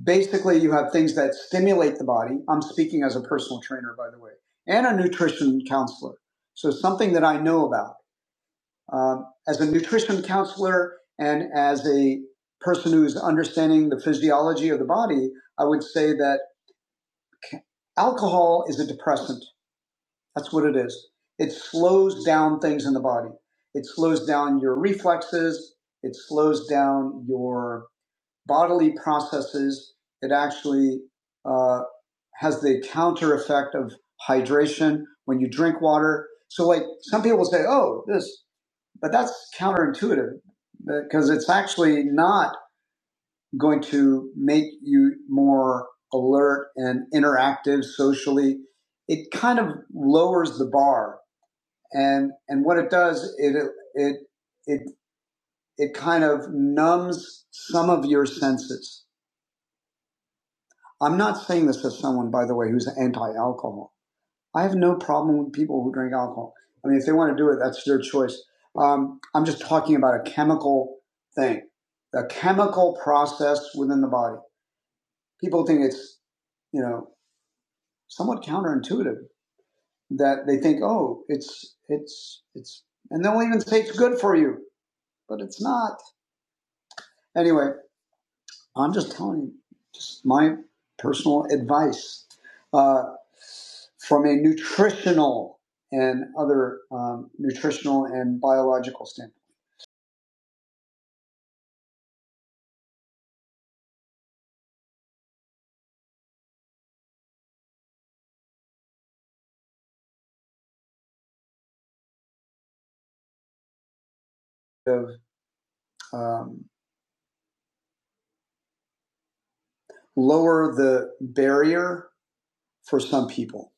Speaker 1: basically, you have things that stimulate the body. I'm speaking as a personal trainer, by the way, and a nutrition counselor. So something that I know about Um, as a nutrition counselor and as a person who's understanding the physiology of the body, I would say that alcohol is a depressant. That's what it is. It slows down things in the body. It slows down your reflexes. It slows down your bodily processes. It actually uh, has the counter effect of hydration when you drink water. So, like some people say, "Oh, this but that's counterintuitive because it's actually not going to make you more alert and interactive socially. It kind of lowers the bar, and and what it does, it it it it kind of numbs some of your senses. I'm not saying this as someone, by the way, who's anti-alcohol I have no problem with people who drink alcohol. I mean, if they want to do it, that's their choice. Um, I'm just talking about a chemical thing, a chemical process within the body. People think it's, you know, somewhat counterintuitive that they think, oh, it's, it's, it's, and they'll even say it's good for you, but it's not. Anyway, I'm just telling you, just my personal advice uh, from a nutritional and other um, nutritional and biological standpoint of um, lower the barrier for some people.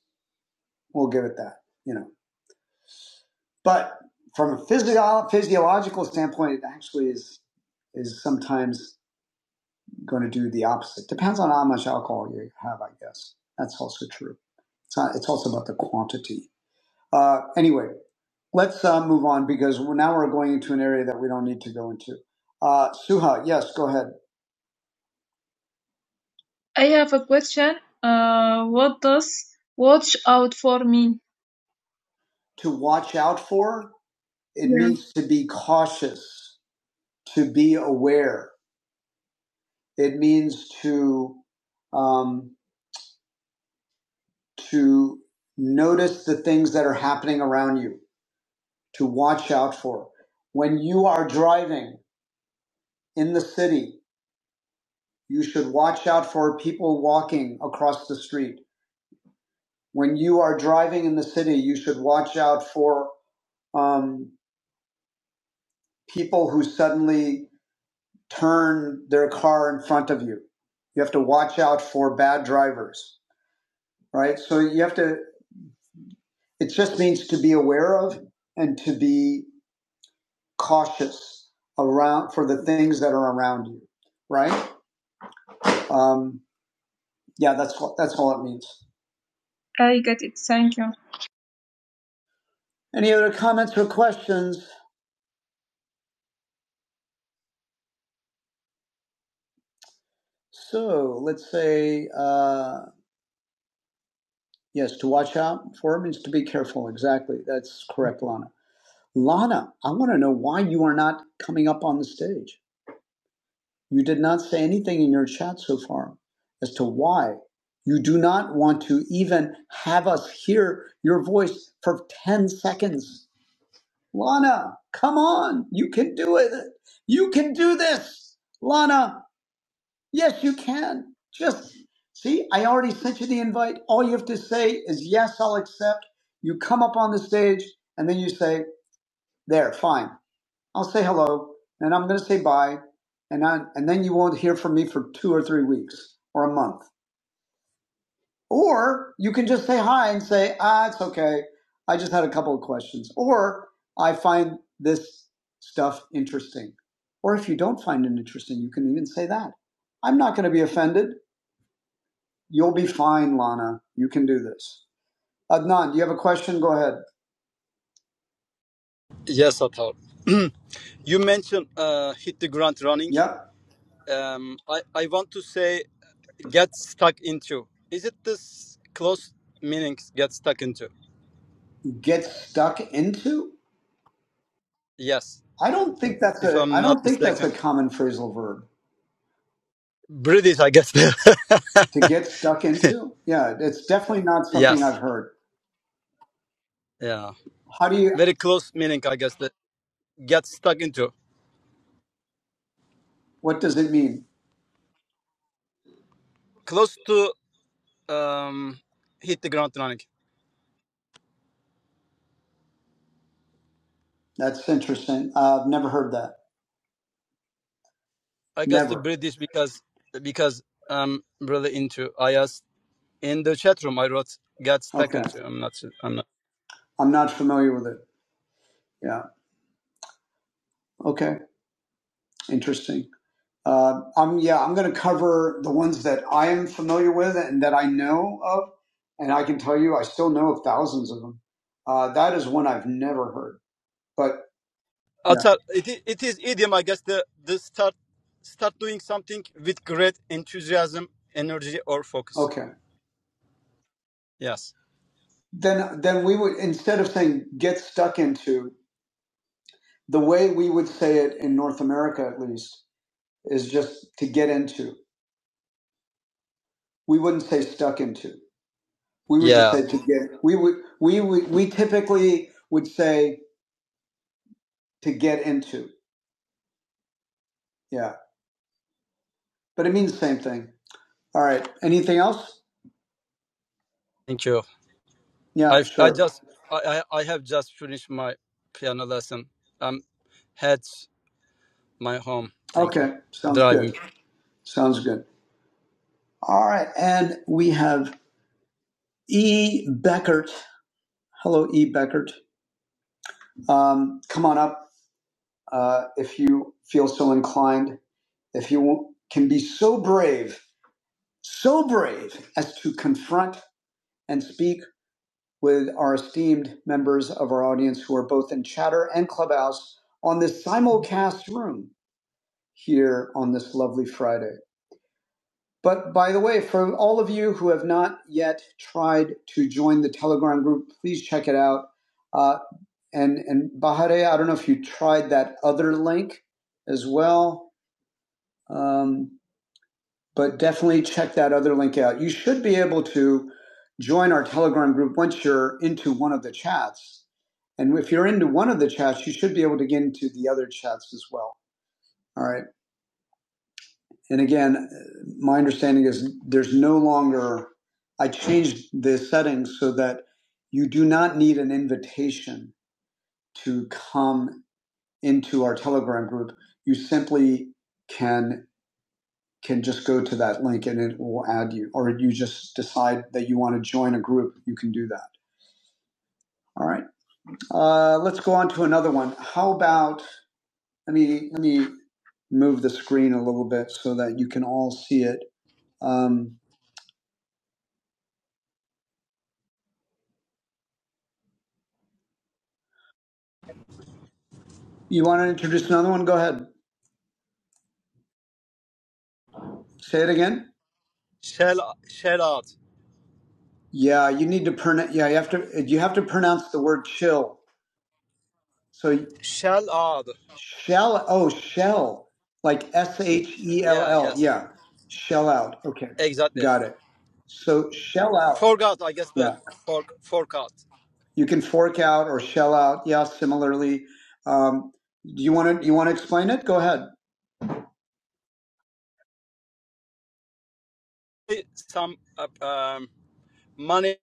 Speaker 1: We'll give it that, you know. But from a physio- physiological standpoint, it actually is is sometimes going to do the opposite. Depends on how much alcohol you have, I guess. That's also true. It's, not, it's also about the quantity Uh, anyway, let's uh, move on because now we're going into an area that we don't need to go into. Uh, Suha, yes, go ahead. I have a question. Uh, what does watch out for mean? To watch out for? It Yeah. means to be cautious, to be aware. It means to um, to notice the things that are happening around you, to watch out for. When you are driving in the city, You should watch out for people walking across the street. When you are driving in the city, you should watch out for um, people who suddenly turn their car in front of you. You have to watch out for bad drivers, right? So you have to, it just means to be aware of and to be cautious around for the things that are around you, right? Um, yeah, that's that's all it means. I get it. Thank you. Any other comments or questions? So let's say, uh, yes, to watch out for means to be careful. Exactly. That's correct, Lana. Lana, I want to know why you are not coming up on the stage. You did not say anything in your chat so far as to why you do not want to even have us hear your voice for 10 seconds. Lana, come on. You can do it. You can do this. Lana, Yes, you can. Just see, I already sent you the invite. All you have to say is, Yes, I'll accept. You come up on the stage and then you say, There, fine. I'll say hello and I'm going to say bye. And, I, and then you won't hear from me for two or three weeks or a month. Or you can just say hi and say, Ah, it's okay. I just had a couple of questions. Or I find this stuff interesting. Or if you don't find it interesting, you can even say that. I'm not going to be offended. You'll be fine, Lana. You can do this. Adnan, do you have a question? Go ahead.
Speaker 3: Yes, Atar. you mentioned uh, hit the ground running.
Speaker 1: Yep.
Speaker 3: Um, I, I want to say get stuck into. Is it this close meanings get stuck into?
Speaker 1: Get stuck into?
Speaker 3: Yes,
Speaker 1: I don't think that's
Speaker 3: if
Speaker 1: a I
Speaker 3: I'm not
Speaker 1: don't think that's
Speaker 3: mistaken.
Speaker 1: a common phrasal verb.
Speaker 3: British, I guess.
Speaker 1: To get stuck into? Yeah, it's definitely not something I've
Speaker 3: yes.
Speaker 1: heard.
Speaker 3: Yeah.
Speaker 1: How do you
Speaker 3: Very close meaning, I guess, that get stuck into.
Speaker 1: what does it mean?
Speaker 3: Close to um hit the ground running.
Speaker 1: That's interesting. Uh, I've never heard that.
Speaker 3: I got the
Speaker 1: Never.
Speaker 3: British because because I'm really into I IS. In the chat room, I wrote got stuck
Speaker 1: Okay.
Speaker 3: into. I'm not. I'm not.
Speaker 1: I'm not familiar with it. Yeah. Okay. Interesting. Uh, I'm yeah, I'm going to cover the ones that I am familiar with and that I know of, and I can tell you I still know of thousands of them. Uh, that is one I've never heard. But yeah,
Speaker 3: Atar. It is, it is idiom. I guess the the start start doing something with great enthusiasm, energy, or focus.
Speaker 1: okay.
Speaker 3: Yes.
Speaker 1: Then then we would instead of saying get stuck into the way we would say it in North America at least is just to get into. We wouldn't say stuck into. We would just
Speaker 3: Yeah.
Speaker 1: say to get. We would we would we typically would say to get into. Yeah, but it means the same thing All right. Anything else?
Speaker 3: Thank you.
Speaker 1: Yeah,
Speaker 3: I I
Speaker 1: sure.
Speaker 3: just I I I have just finished my piano lesson. I'm at my home. Thank you.
Speaker 1: Okay. Sounds
Speaker 3: Driving.
Speaker 1: good. Sounds good. All right. And we have E. Beckert. Hello, E. Beckert. Um, come on up uh, if you feel so inclined. If you can be so brave, so brave as to confront and speak with our esteemed members of our audience who are both in chatter and clubhouse on this simulcast room here on this lovely Friday. But by the way, for all of you who have not yet tried to join the Telegram group, please check it out. Uh, and and Bahare, I don't know if you tried that other link as well, um, but definitely check that other link out. You should be able to join our Telegram group once you're into one of the chats. And if you're into one of the chats, you should be able to get into the other chats as well. All right. And again, my understanding is there's no longer, I changed the settings so that you do not need an invitation to come into our Telegram group. You simply can can just go to that link and it will add you, or you just decide that you want to join a group. You can do that. All right. Uh, let's go on to another one. How about let me let me move the screen a little bit so that you can all see it. Um, You want to introduce another one? Go ahead. Say it again.
Speaker 3: Shell shell out.
Speaker 1: Yeah, you need to pronounce. Yeah, you have to. You have to pronounce the word chill. So
Speaker 3: Shell out.
Speaker 1: shell. Oh, shell. Like S H E L
Speaker 3: Yeah,
Speaker 1: L.
Speaker 3: yes,
Speaker 1: Yeah, shell out. Okay,
Speaker 3: exactly.
Speaker 1: got it. So shell out.
Speaker 3: Forgot, I guess the
Speaker 1: Yeah,
Speaker 3: for, forgot
Speaker 1: you can fork out or shell out. Yeah, similarly. Um, do you want to? You want to explain it? Go ahead.
Speaker 3: some uh, um, money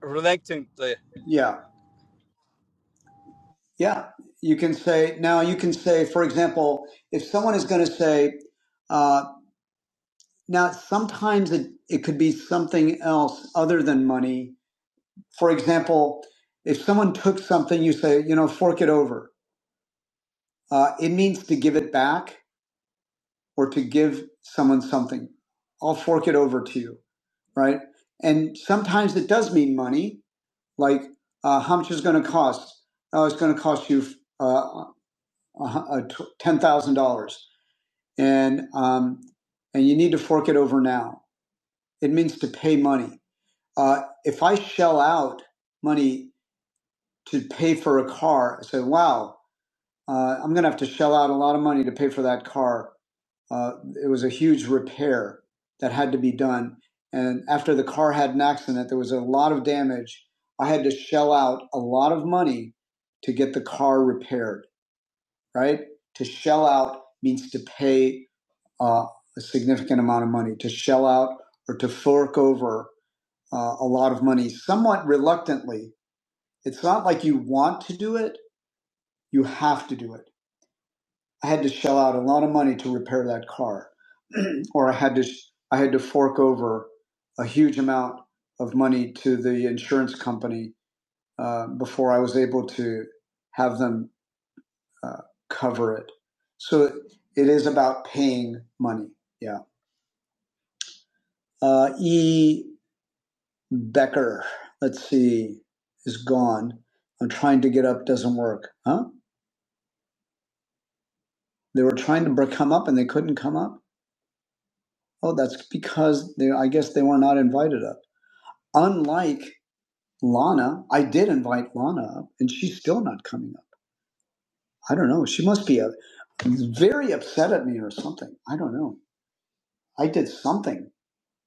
Speaker 3: relating to.
Speaker 1: Yeah, yeah. You can say now. You can say, for example, if someone is going to say. uh, Now, sometimes it, it could be something else other than money. For example, if someone took something, you say, you know, fork it over. Uh, it means to give it back or to give someone something. I'll fork it over to you, right? And sometimes it does mean money, like uh, how much is going to cost? Oh, it's going to cost you uh, a hu- a tw- $10,000 and, um, and you need to fork it over now. It means to pay money uh, if I shell out money to pay for a car, I say, wow, uh, I'm going to have to shell out a lot of money to pay for that car. Uh, it was a huge repair that had to be done. And after the car had an accident, there was a lot of damage. I had to shell out a lot of money to get the car repaired, right? To shell out means to pay uh, a significant amount of money, to shell out or to fork over uh, a lot of money somewhat reluctantly It's not like you want to do it, you have to do it. I had to shell out a lot of money to repair that car, or I had to I had to fork over a huge amount of money to the insurance company uh, before I was able to have them uh, cover it. So it is about paying money. Yeah. Uh, e Becker, let's see, is gone. I'm trying to get up, doesn't work. Huh? They were trying to br- come up and they couldn't come up. Oh, that's because they, I guess they were not invited up. Unlike Lana, I did invite Lana up, and she's still not coming up. I don't know. She must be a very upset at me or something. I don't know. I did something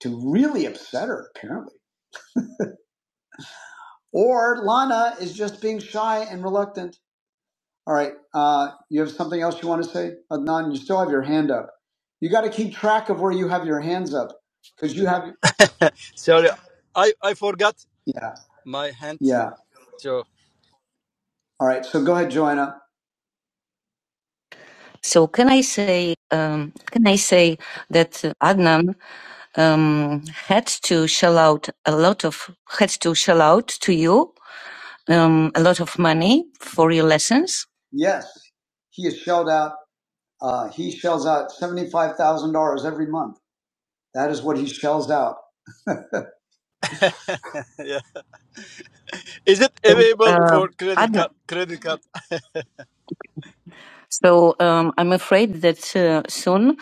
Speaker 1: to really upset her, apparently. Or Lana is just being shy and reluctant. All right. Uh, you have something else you want to say, Adnan? You still have your hand up. You got to keep track of where you have your hands up because you have.
Speaker 3: Sorry, I I forgot
Speaker 1: Yeah.
Speaker 3: my hand.
Speaker 1: Yeah.
Speaker 3: So
Speaker 1: All right. So go ahead, Joanna. So can I say um, can I say that Adnan um, had to shell out a lot of had to shell out to you um, a lot of money for your lessons? Yes, he has shelled out. Uh, he shells out seventy five thousand dollars every month. That is what he shells out.
Speaker 3: yeah, is it
Speaker 1: So,
Speaker 3: available
Speaker 1: uh,
Speaker 3: for credit
Speaker 1: Adnan.
Speaker 3: card? Credit card,
Speaker 1: So um, I'm afraid that uh, soon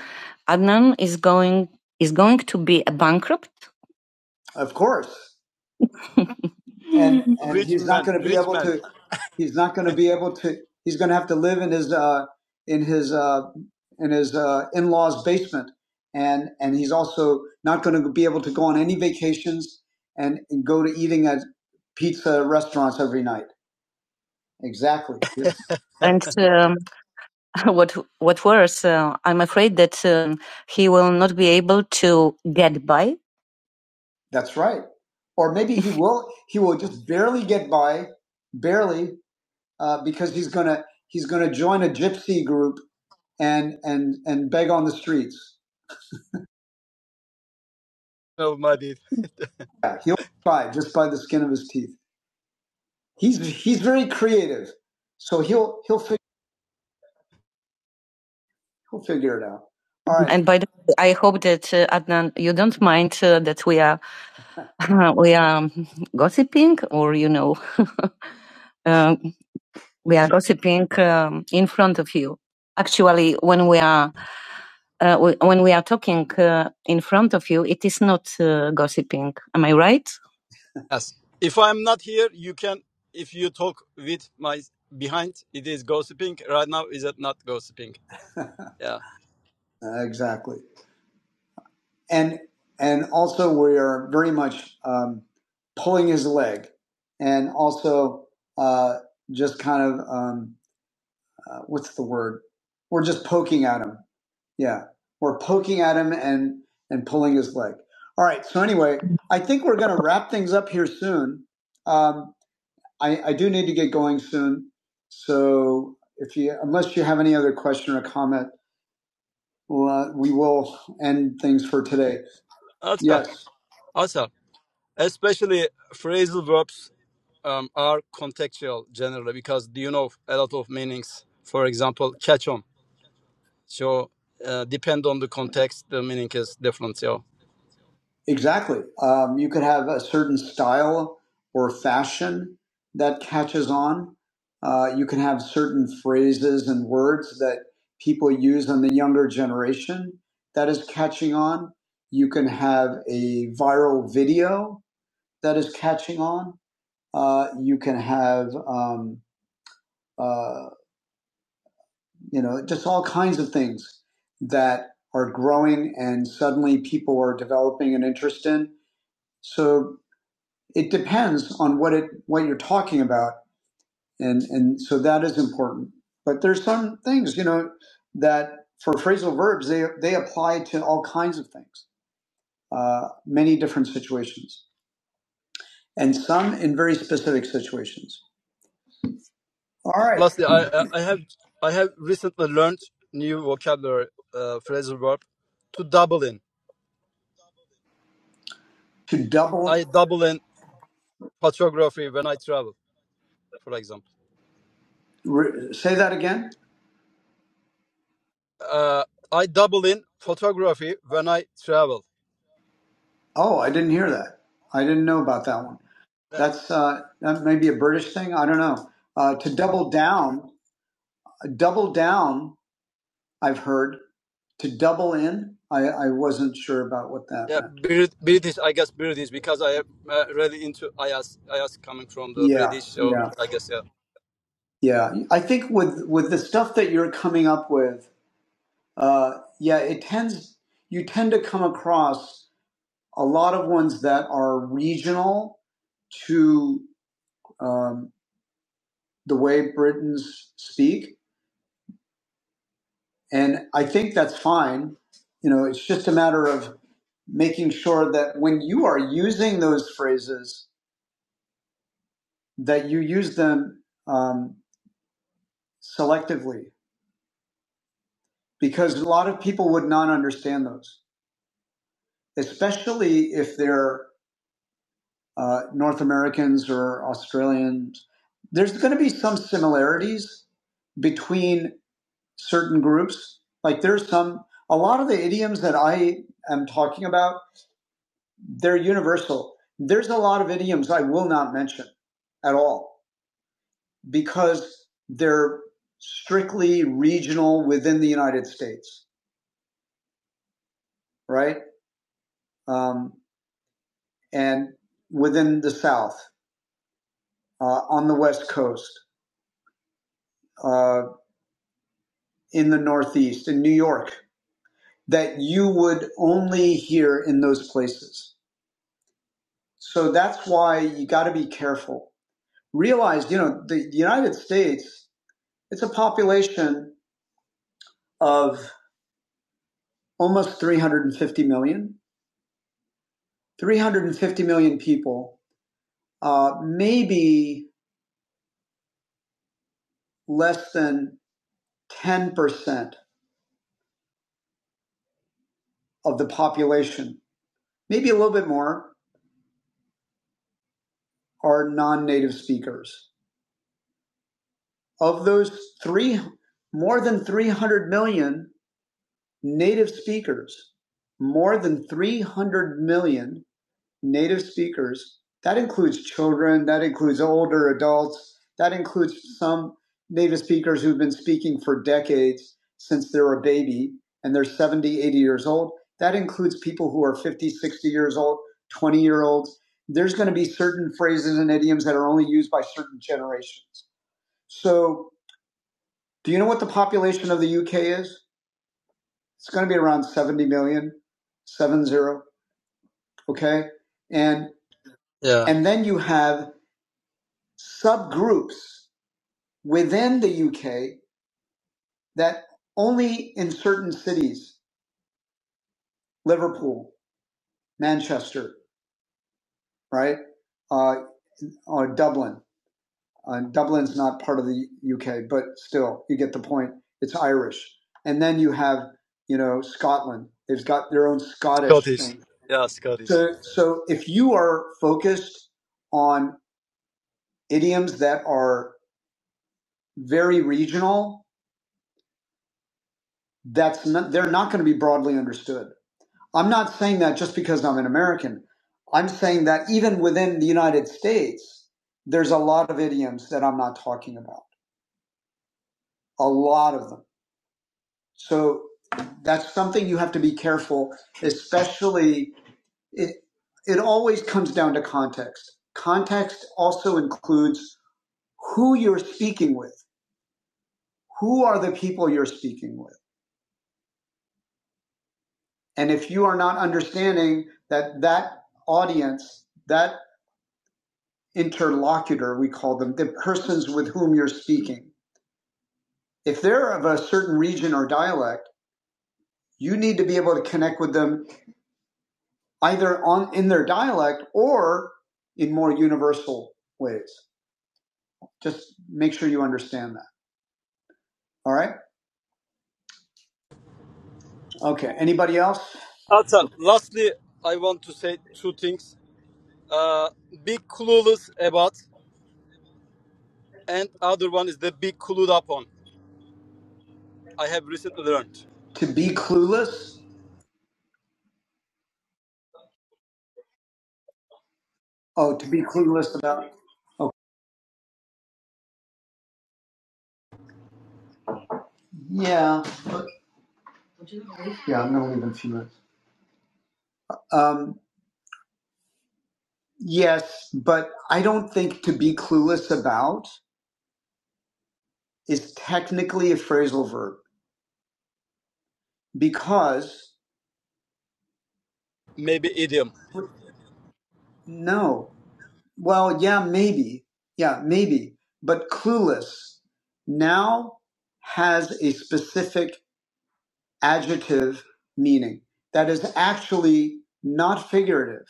Speaker 1: Adnan is going is going to be a bankrupt. Of course. and and
Speaker 3: rich
Speaker 1: he's not
Speaker 3: man,
Speaker 1: going to be
Speaker 3: rich
Speaker 1: able
Speaker 3: man.
Speaker 1: to he's not going to be able to he's going to have to live in his uh in his uh in his uh in-laws basement and and he's also not going to be able to go on any vacations and, and go to eating at pizza restaurants every night exactly yes And um, what what worse, uh, I'm afraid that um, he will not be able to get by that's right. Or maybe he will. He will just barely get by, barely, uh, because he's gonna he's gonna join a gypsy group and and and beg on the streets.
Speaker 3: No, my dear.
Speaker 1: Yeah, he'll by just by the skin of his teeth. He's he's very creative, so he'll he'll fig- he'll figure it out. All right. And by the way, I hope that uh, Adnan, you don't mind uh, that we are uh, we are um, gossiping, or you know, uh, we are gossiping um, in front of you. Actually, when we are uh, w- when we are talking uh, in front of you, it is not uh, gossiping. Am I right?
Speaker 3: Yes. If I'm not here, you can. If you talk with my behind, it is gossiping. Right now, is it not gossiping? Yeah.
Speaker 1: Uh, exactly. And and also we are very much um, pulling his leg, and also uh, just kind of um, uh, what's the word? We're just poking at him. Yeah, we're poking at him and and pulling his leg. All right. So anyway, I think we're going to wrap things up here soon. Um, I, I do need to get going soon. So if you, unless you have any other question or comment, well, uh, we will end things for today.
Speaker 3: Also,
Speaker 1: Yes.
Speaker 3: also. especially phrasal verbs um, are contextual generally because you know a lot of meanings for example catch on so uh, depend on the context the meaning is different So,
Speaker 1: Exactly. Um, you could have a certain style or fashion that catches on. Uh, you can have certain phrases and words that people use on the younger generation that is catching on. You can have a viral video that is catching on. Uh, you can have, um, uh, you know, just all kinds of things that are growing and suddenly people are developing an interest in. So it depends on what it what you're talking about and and so that is important but there's some things you know that for phrasal verbs they they apply to all kinds of things uh, many different situations and some in very specific situations all right
Speaker 3: lastly i i I have i have recently learned new vocabulary uh, phrasal verb to double in
Speaker 1: to
Speaker 3: i
Speaker 1: double
Speaker 3: double in photography when i travel for example
Speaker 1: re, say that again
Speaker 3: uh, i double in photography when i travel
Speaker 1: oh i didn't hear that i didn't know about that one
Speaker 3: Uh,
Speaker 1: that's uh, that may be a british thing i don't know uh, to double down double down i've heard to double in i i wasn't sure about what that
Speaker 3: Yeah,
Speaker 1: meant
Speaker 3: Brit- British. I guess British because I am uh, really into I ask I IAS coming from the
Speaker 1: yeah
Speaker 3: British, so
Speaker 1: yeah
Speaker 3: I guess yeah.
Speaker 1: yeah i think with with the stuff that you're coming up with uh yeah it tends you tend to come across a lot of ones that are regional to um, the way britons speak and i think that's fine you know it's just a matter of making sure that when you are using those phrases that you use them um, selectively because a lot of people would not understand those, especially if they're uh, North Americans or Australians. There's going to be some similarities between certain groups. Like there's some, a lot of the idioms that I am talking about, they're universal. There's a lot of idioms I will not mention at all because they're strictly regional within the United States, right? Um, and within the South, uh, on the West Coast, uh, in the Northeast, in New York, that you would only hear in those places. So that's why you got to be careful. Realize, you know, the United States, it's a population of almost 350 million, 350 million people, uh, maybe less than 10% of the population, maybe a little bit more, are non-native speakers. Of those three, more than 300 million native speakers, more than 300 million native speakers. That includes children, that includes older adults, that includes some native speakers who've been speaking for decades since they were a baby and they're seventy, eighty years old. That includes people who are 50, 60 years old, 20 year olds. There's going to be certain phrases and idioms that are only used by certain generations. So, do you know what the population of the UK is? It's going to be around 70 million, seven zero. Okay. And,
Speaker 3: Yeah,
Speaker 1: and then you have subgroups within the UK that only in certain cities, Liverpool, Manchester, right, uh, or Dublin. Uh, Dublin's not part of the UK, but still, you get the point. It's Irish, and then you have, you know, Scotland. They've got their own Scottish
Speaker 3: Scottish.
Speaker 1: thing.
Speaker 3: Yeah, Scottish.
Speaker 1: So, so if you are focused on idioms that are very regional, that's not, they're not going to be broadly understood I'm not saying that just because I'm an American. I'm saying that even within the United States, there's a lot of idioms that I'm not talking about, a lot of them. So that's something you have to be careful, especially it, it always comes down to context. Context also includes who you're speaking with. Who are the people you're speaking with? And if you are not understanding that that audience, that interlocutor, we call them, the persons with whom you're speaking. If they're of a certain region or dialect, you need to be able to connect with them either on in their dialect or in more universal ways. Just make sure you understand that. All right? Okay. Anybody else?
Speaker 3: Also, lastly, I want to say two things. Uh, be clueless about, and other one is the be clued up on. I have recently learned
Speaker 1: To be clueless? Oh, to be clueless about oh yeah. Yeah, I'm gonna leave in a few minutes. Um, yes, but I don't think to be clueless about is technically a phrasal verb. because
Speaker 3: maybe idiom.
Speaker 1: no. Well, yeah, maybe. Yeah, maybe. But clueless now has a specific adjective meaning that is actually not figurative.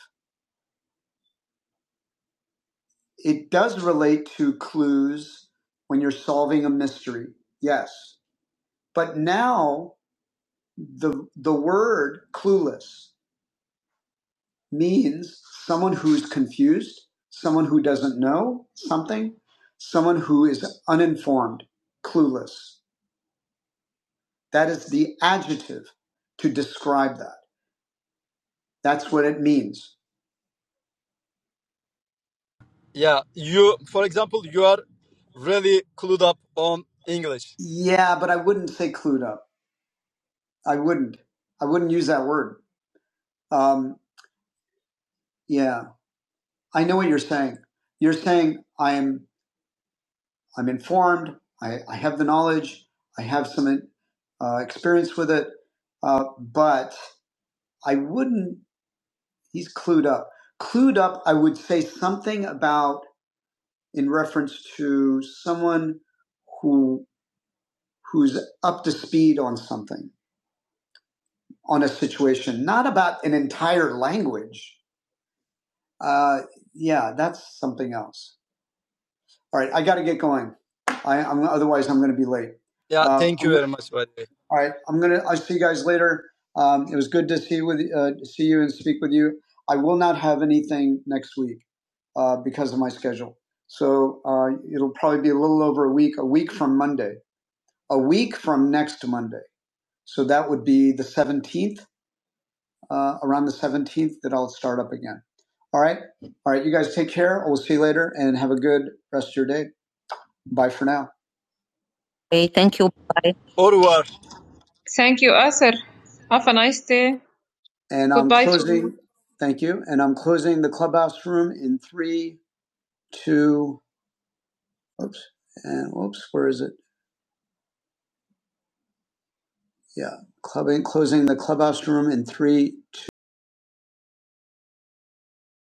Speaker 1: It does relate to clues when you're solving a mystery. Yes. But now the the word clueless means someone who's confused, someone who doesn't know something, someone who is uninformed, clueless. That is the adjective to describe that. That's what it means.
Speaker 3: Yeah, you. For example, you are really clued up on English.
Speaker 1: Yeah, but I wouldn't say clued up. I wouldn't. I wouldn't use that word. Um, yeah, I know what you're saying. You're saying I'm I'm informed. I, I have the knowledge. I have some uh, experience with it, uh, but I wouldn't. he's clued up. Clued up, I would say something about in reference to someone who who's up to speed on something, on a situation, not about an entire language. Uh, yeah, that's something else. All right, I got to get going. I, I'm, otherwise, I'm going to be late.
Speaker 3: Yeah,
Speaker 1: Uh,
Speaker 3: thank
Speaker 1: I'm
Speaker 3: you
Speaker 1: going
Speaker 3: very much, by the way.
Speaker 1: All right, I'm gonna. I'll see you guys later. Um, it was good to see with uh, see you and speak with you. I will not have anything next week uh, because of my schedule, so uh, it'll probably be a little over a week. A week from Monday. A week from next Monday. So that would be the 17th. Uh, around the 17th, that I'll start up again. All right. All right. You guys take care. We'll see you later and have a good rest of your day. Bye for now. Hey, thank you. Bye.
Speaker 3: Au revoir.
Speaker 1: Thank you, Asir. Have a nice day. And I'm Goodbye to you. closing. Thank you. And I'm closing the clubhouse room in three, two. Oops. And oops. Where is it? Yeah. Clubbing. Closing the clubhouse room in three,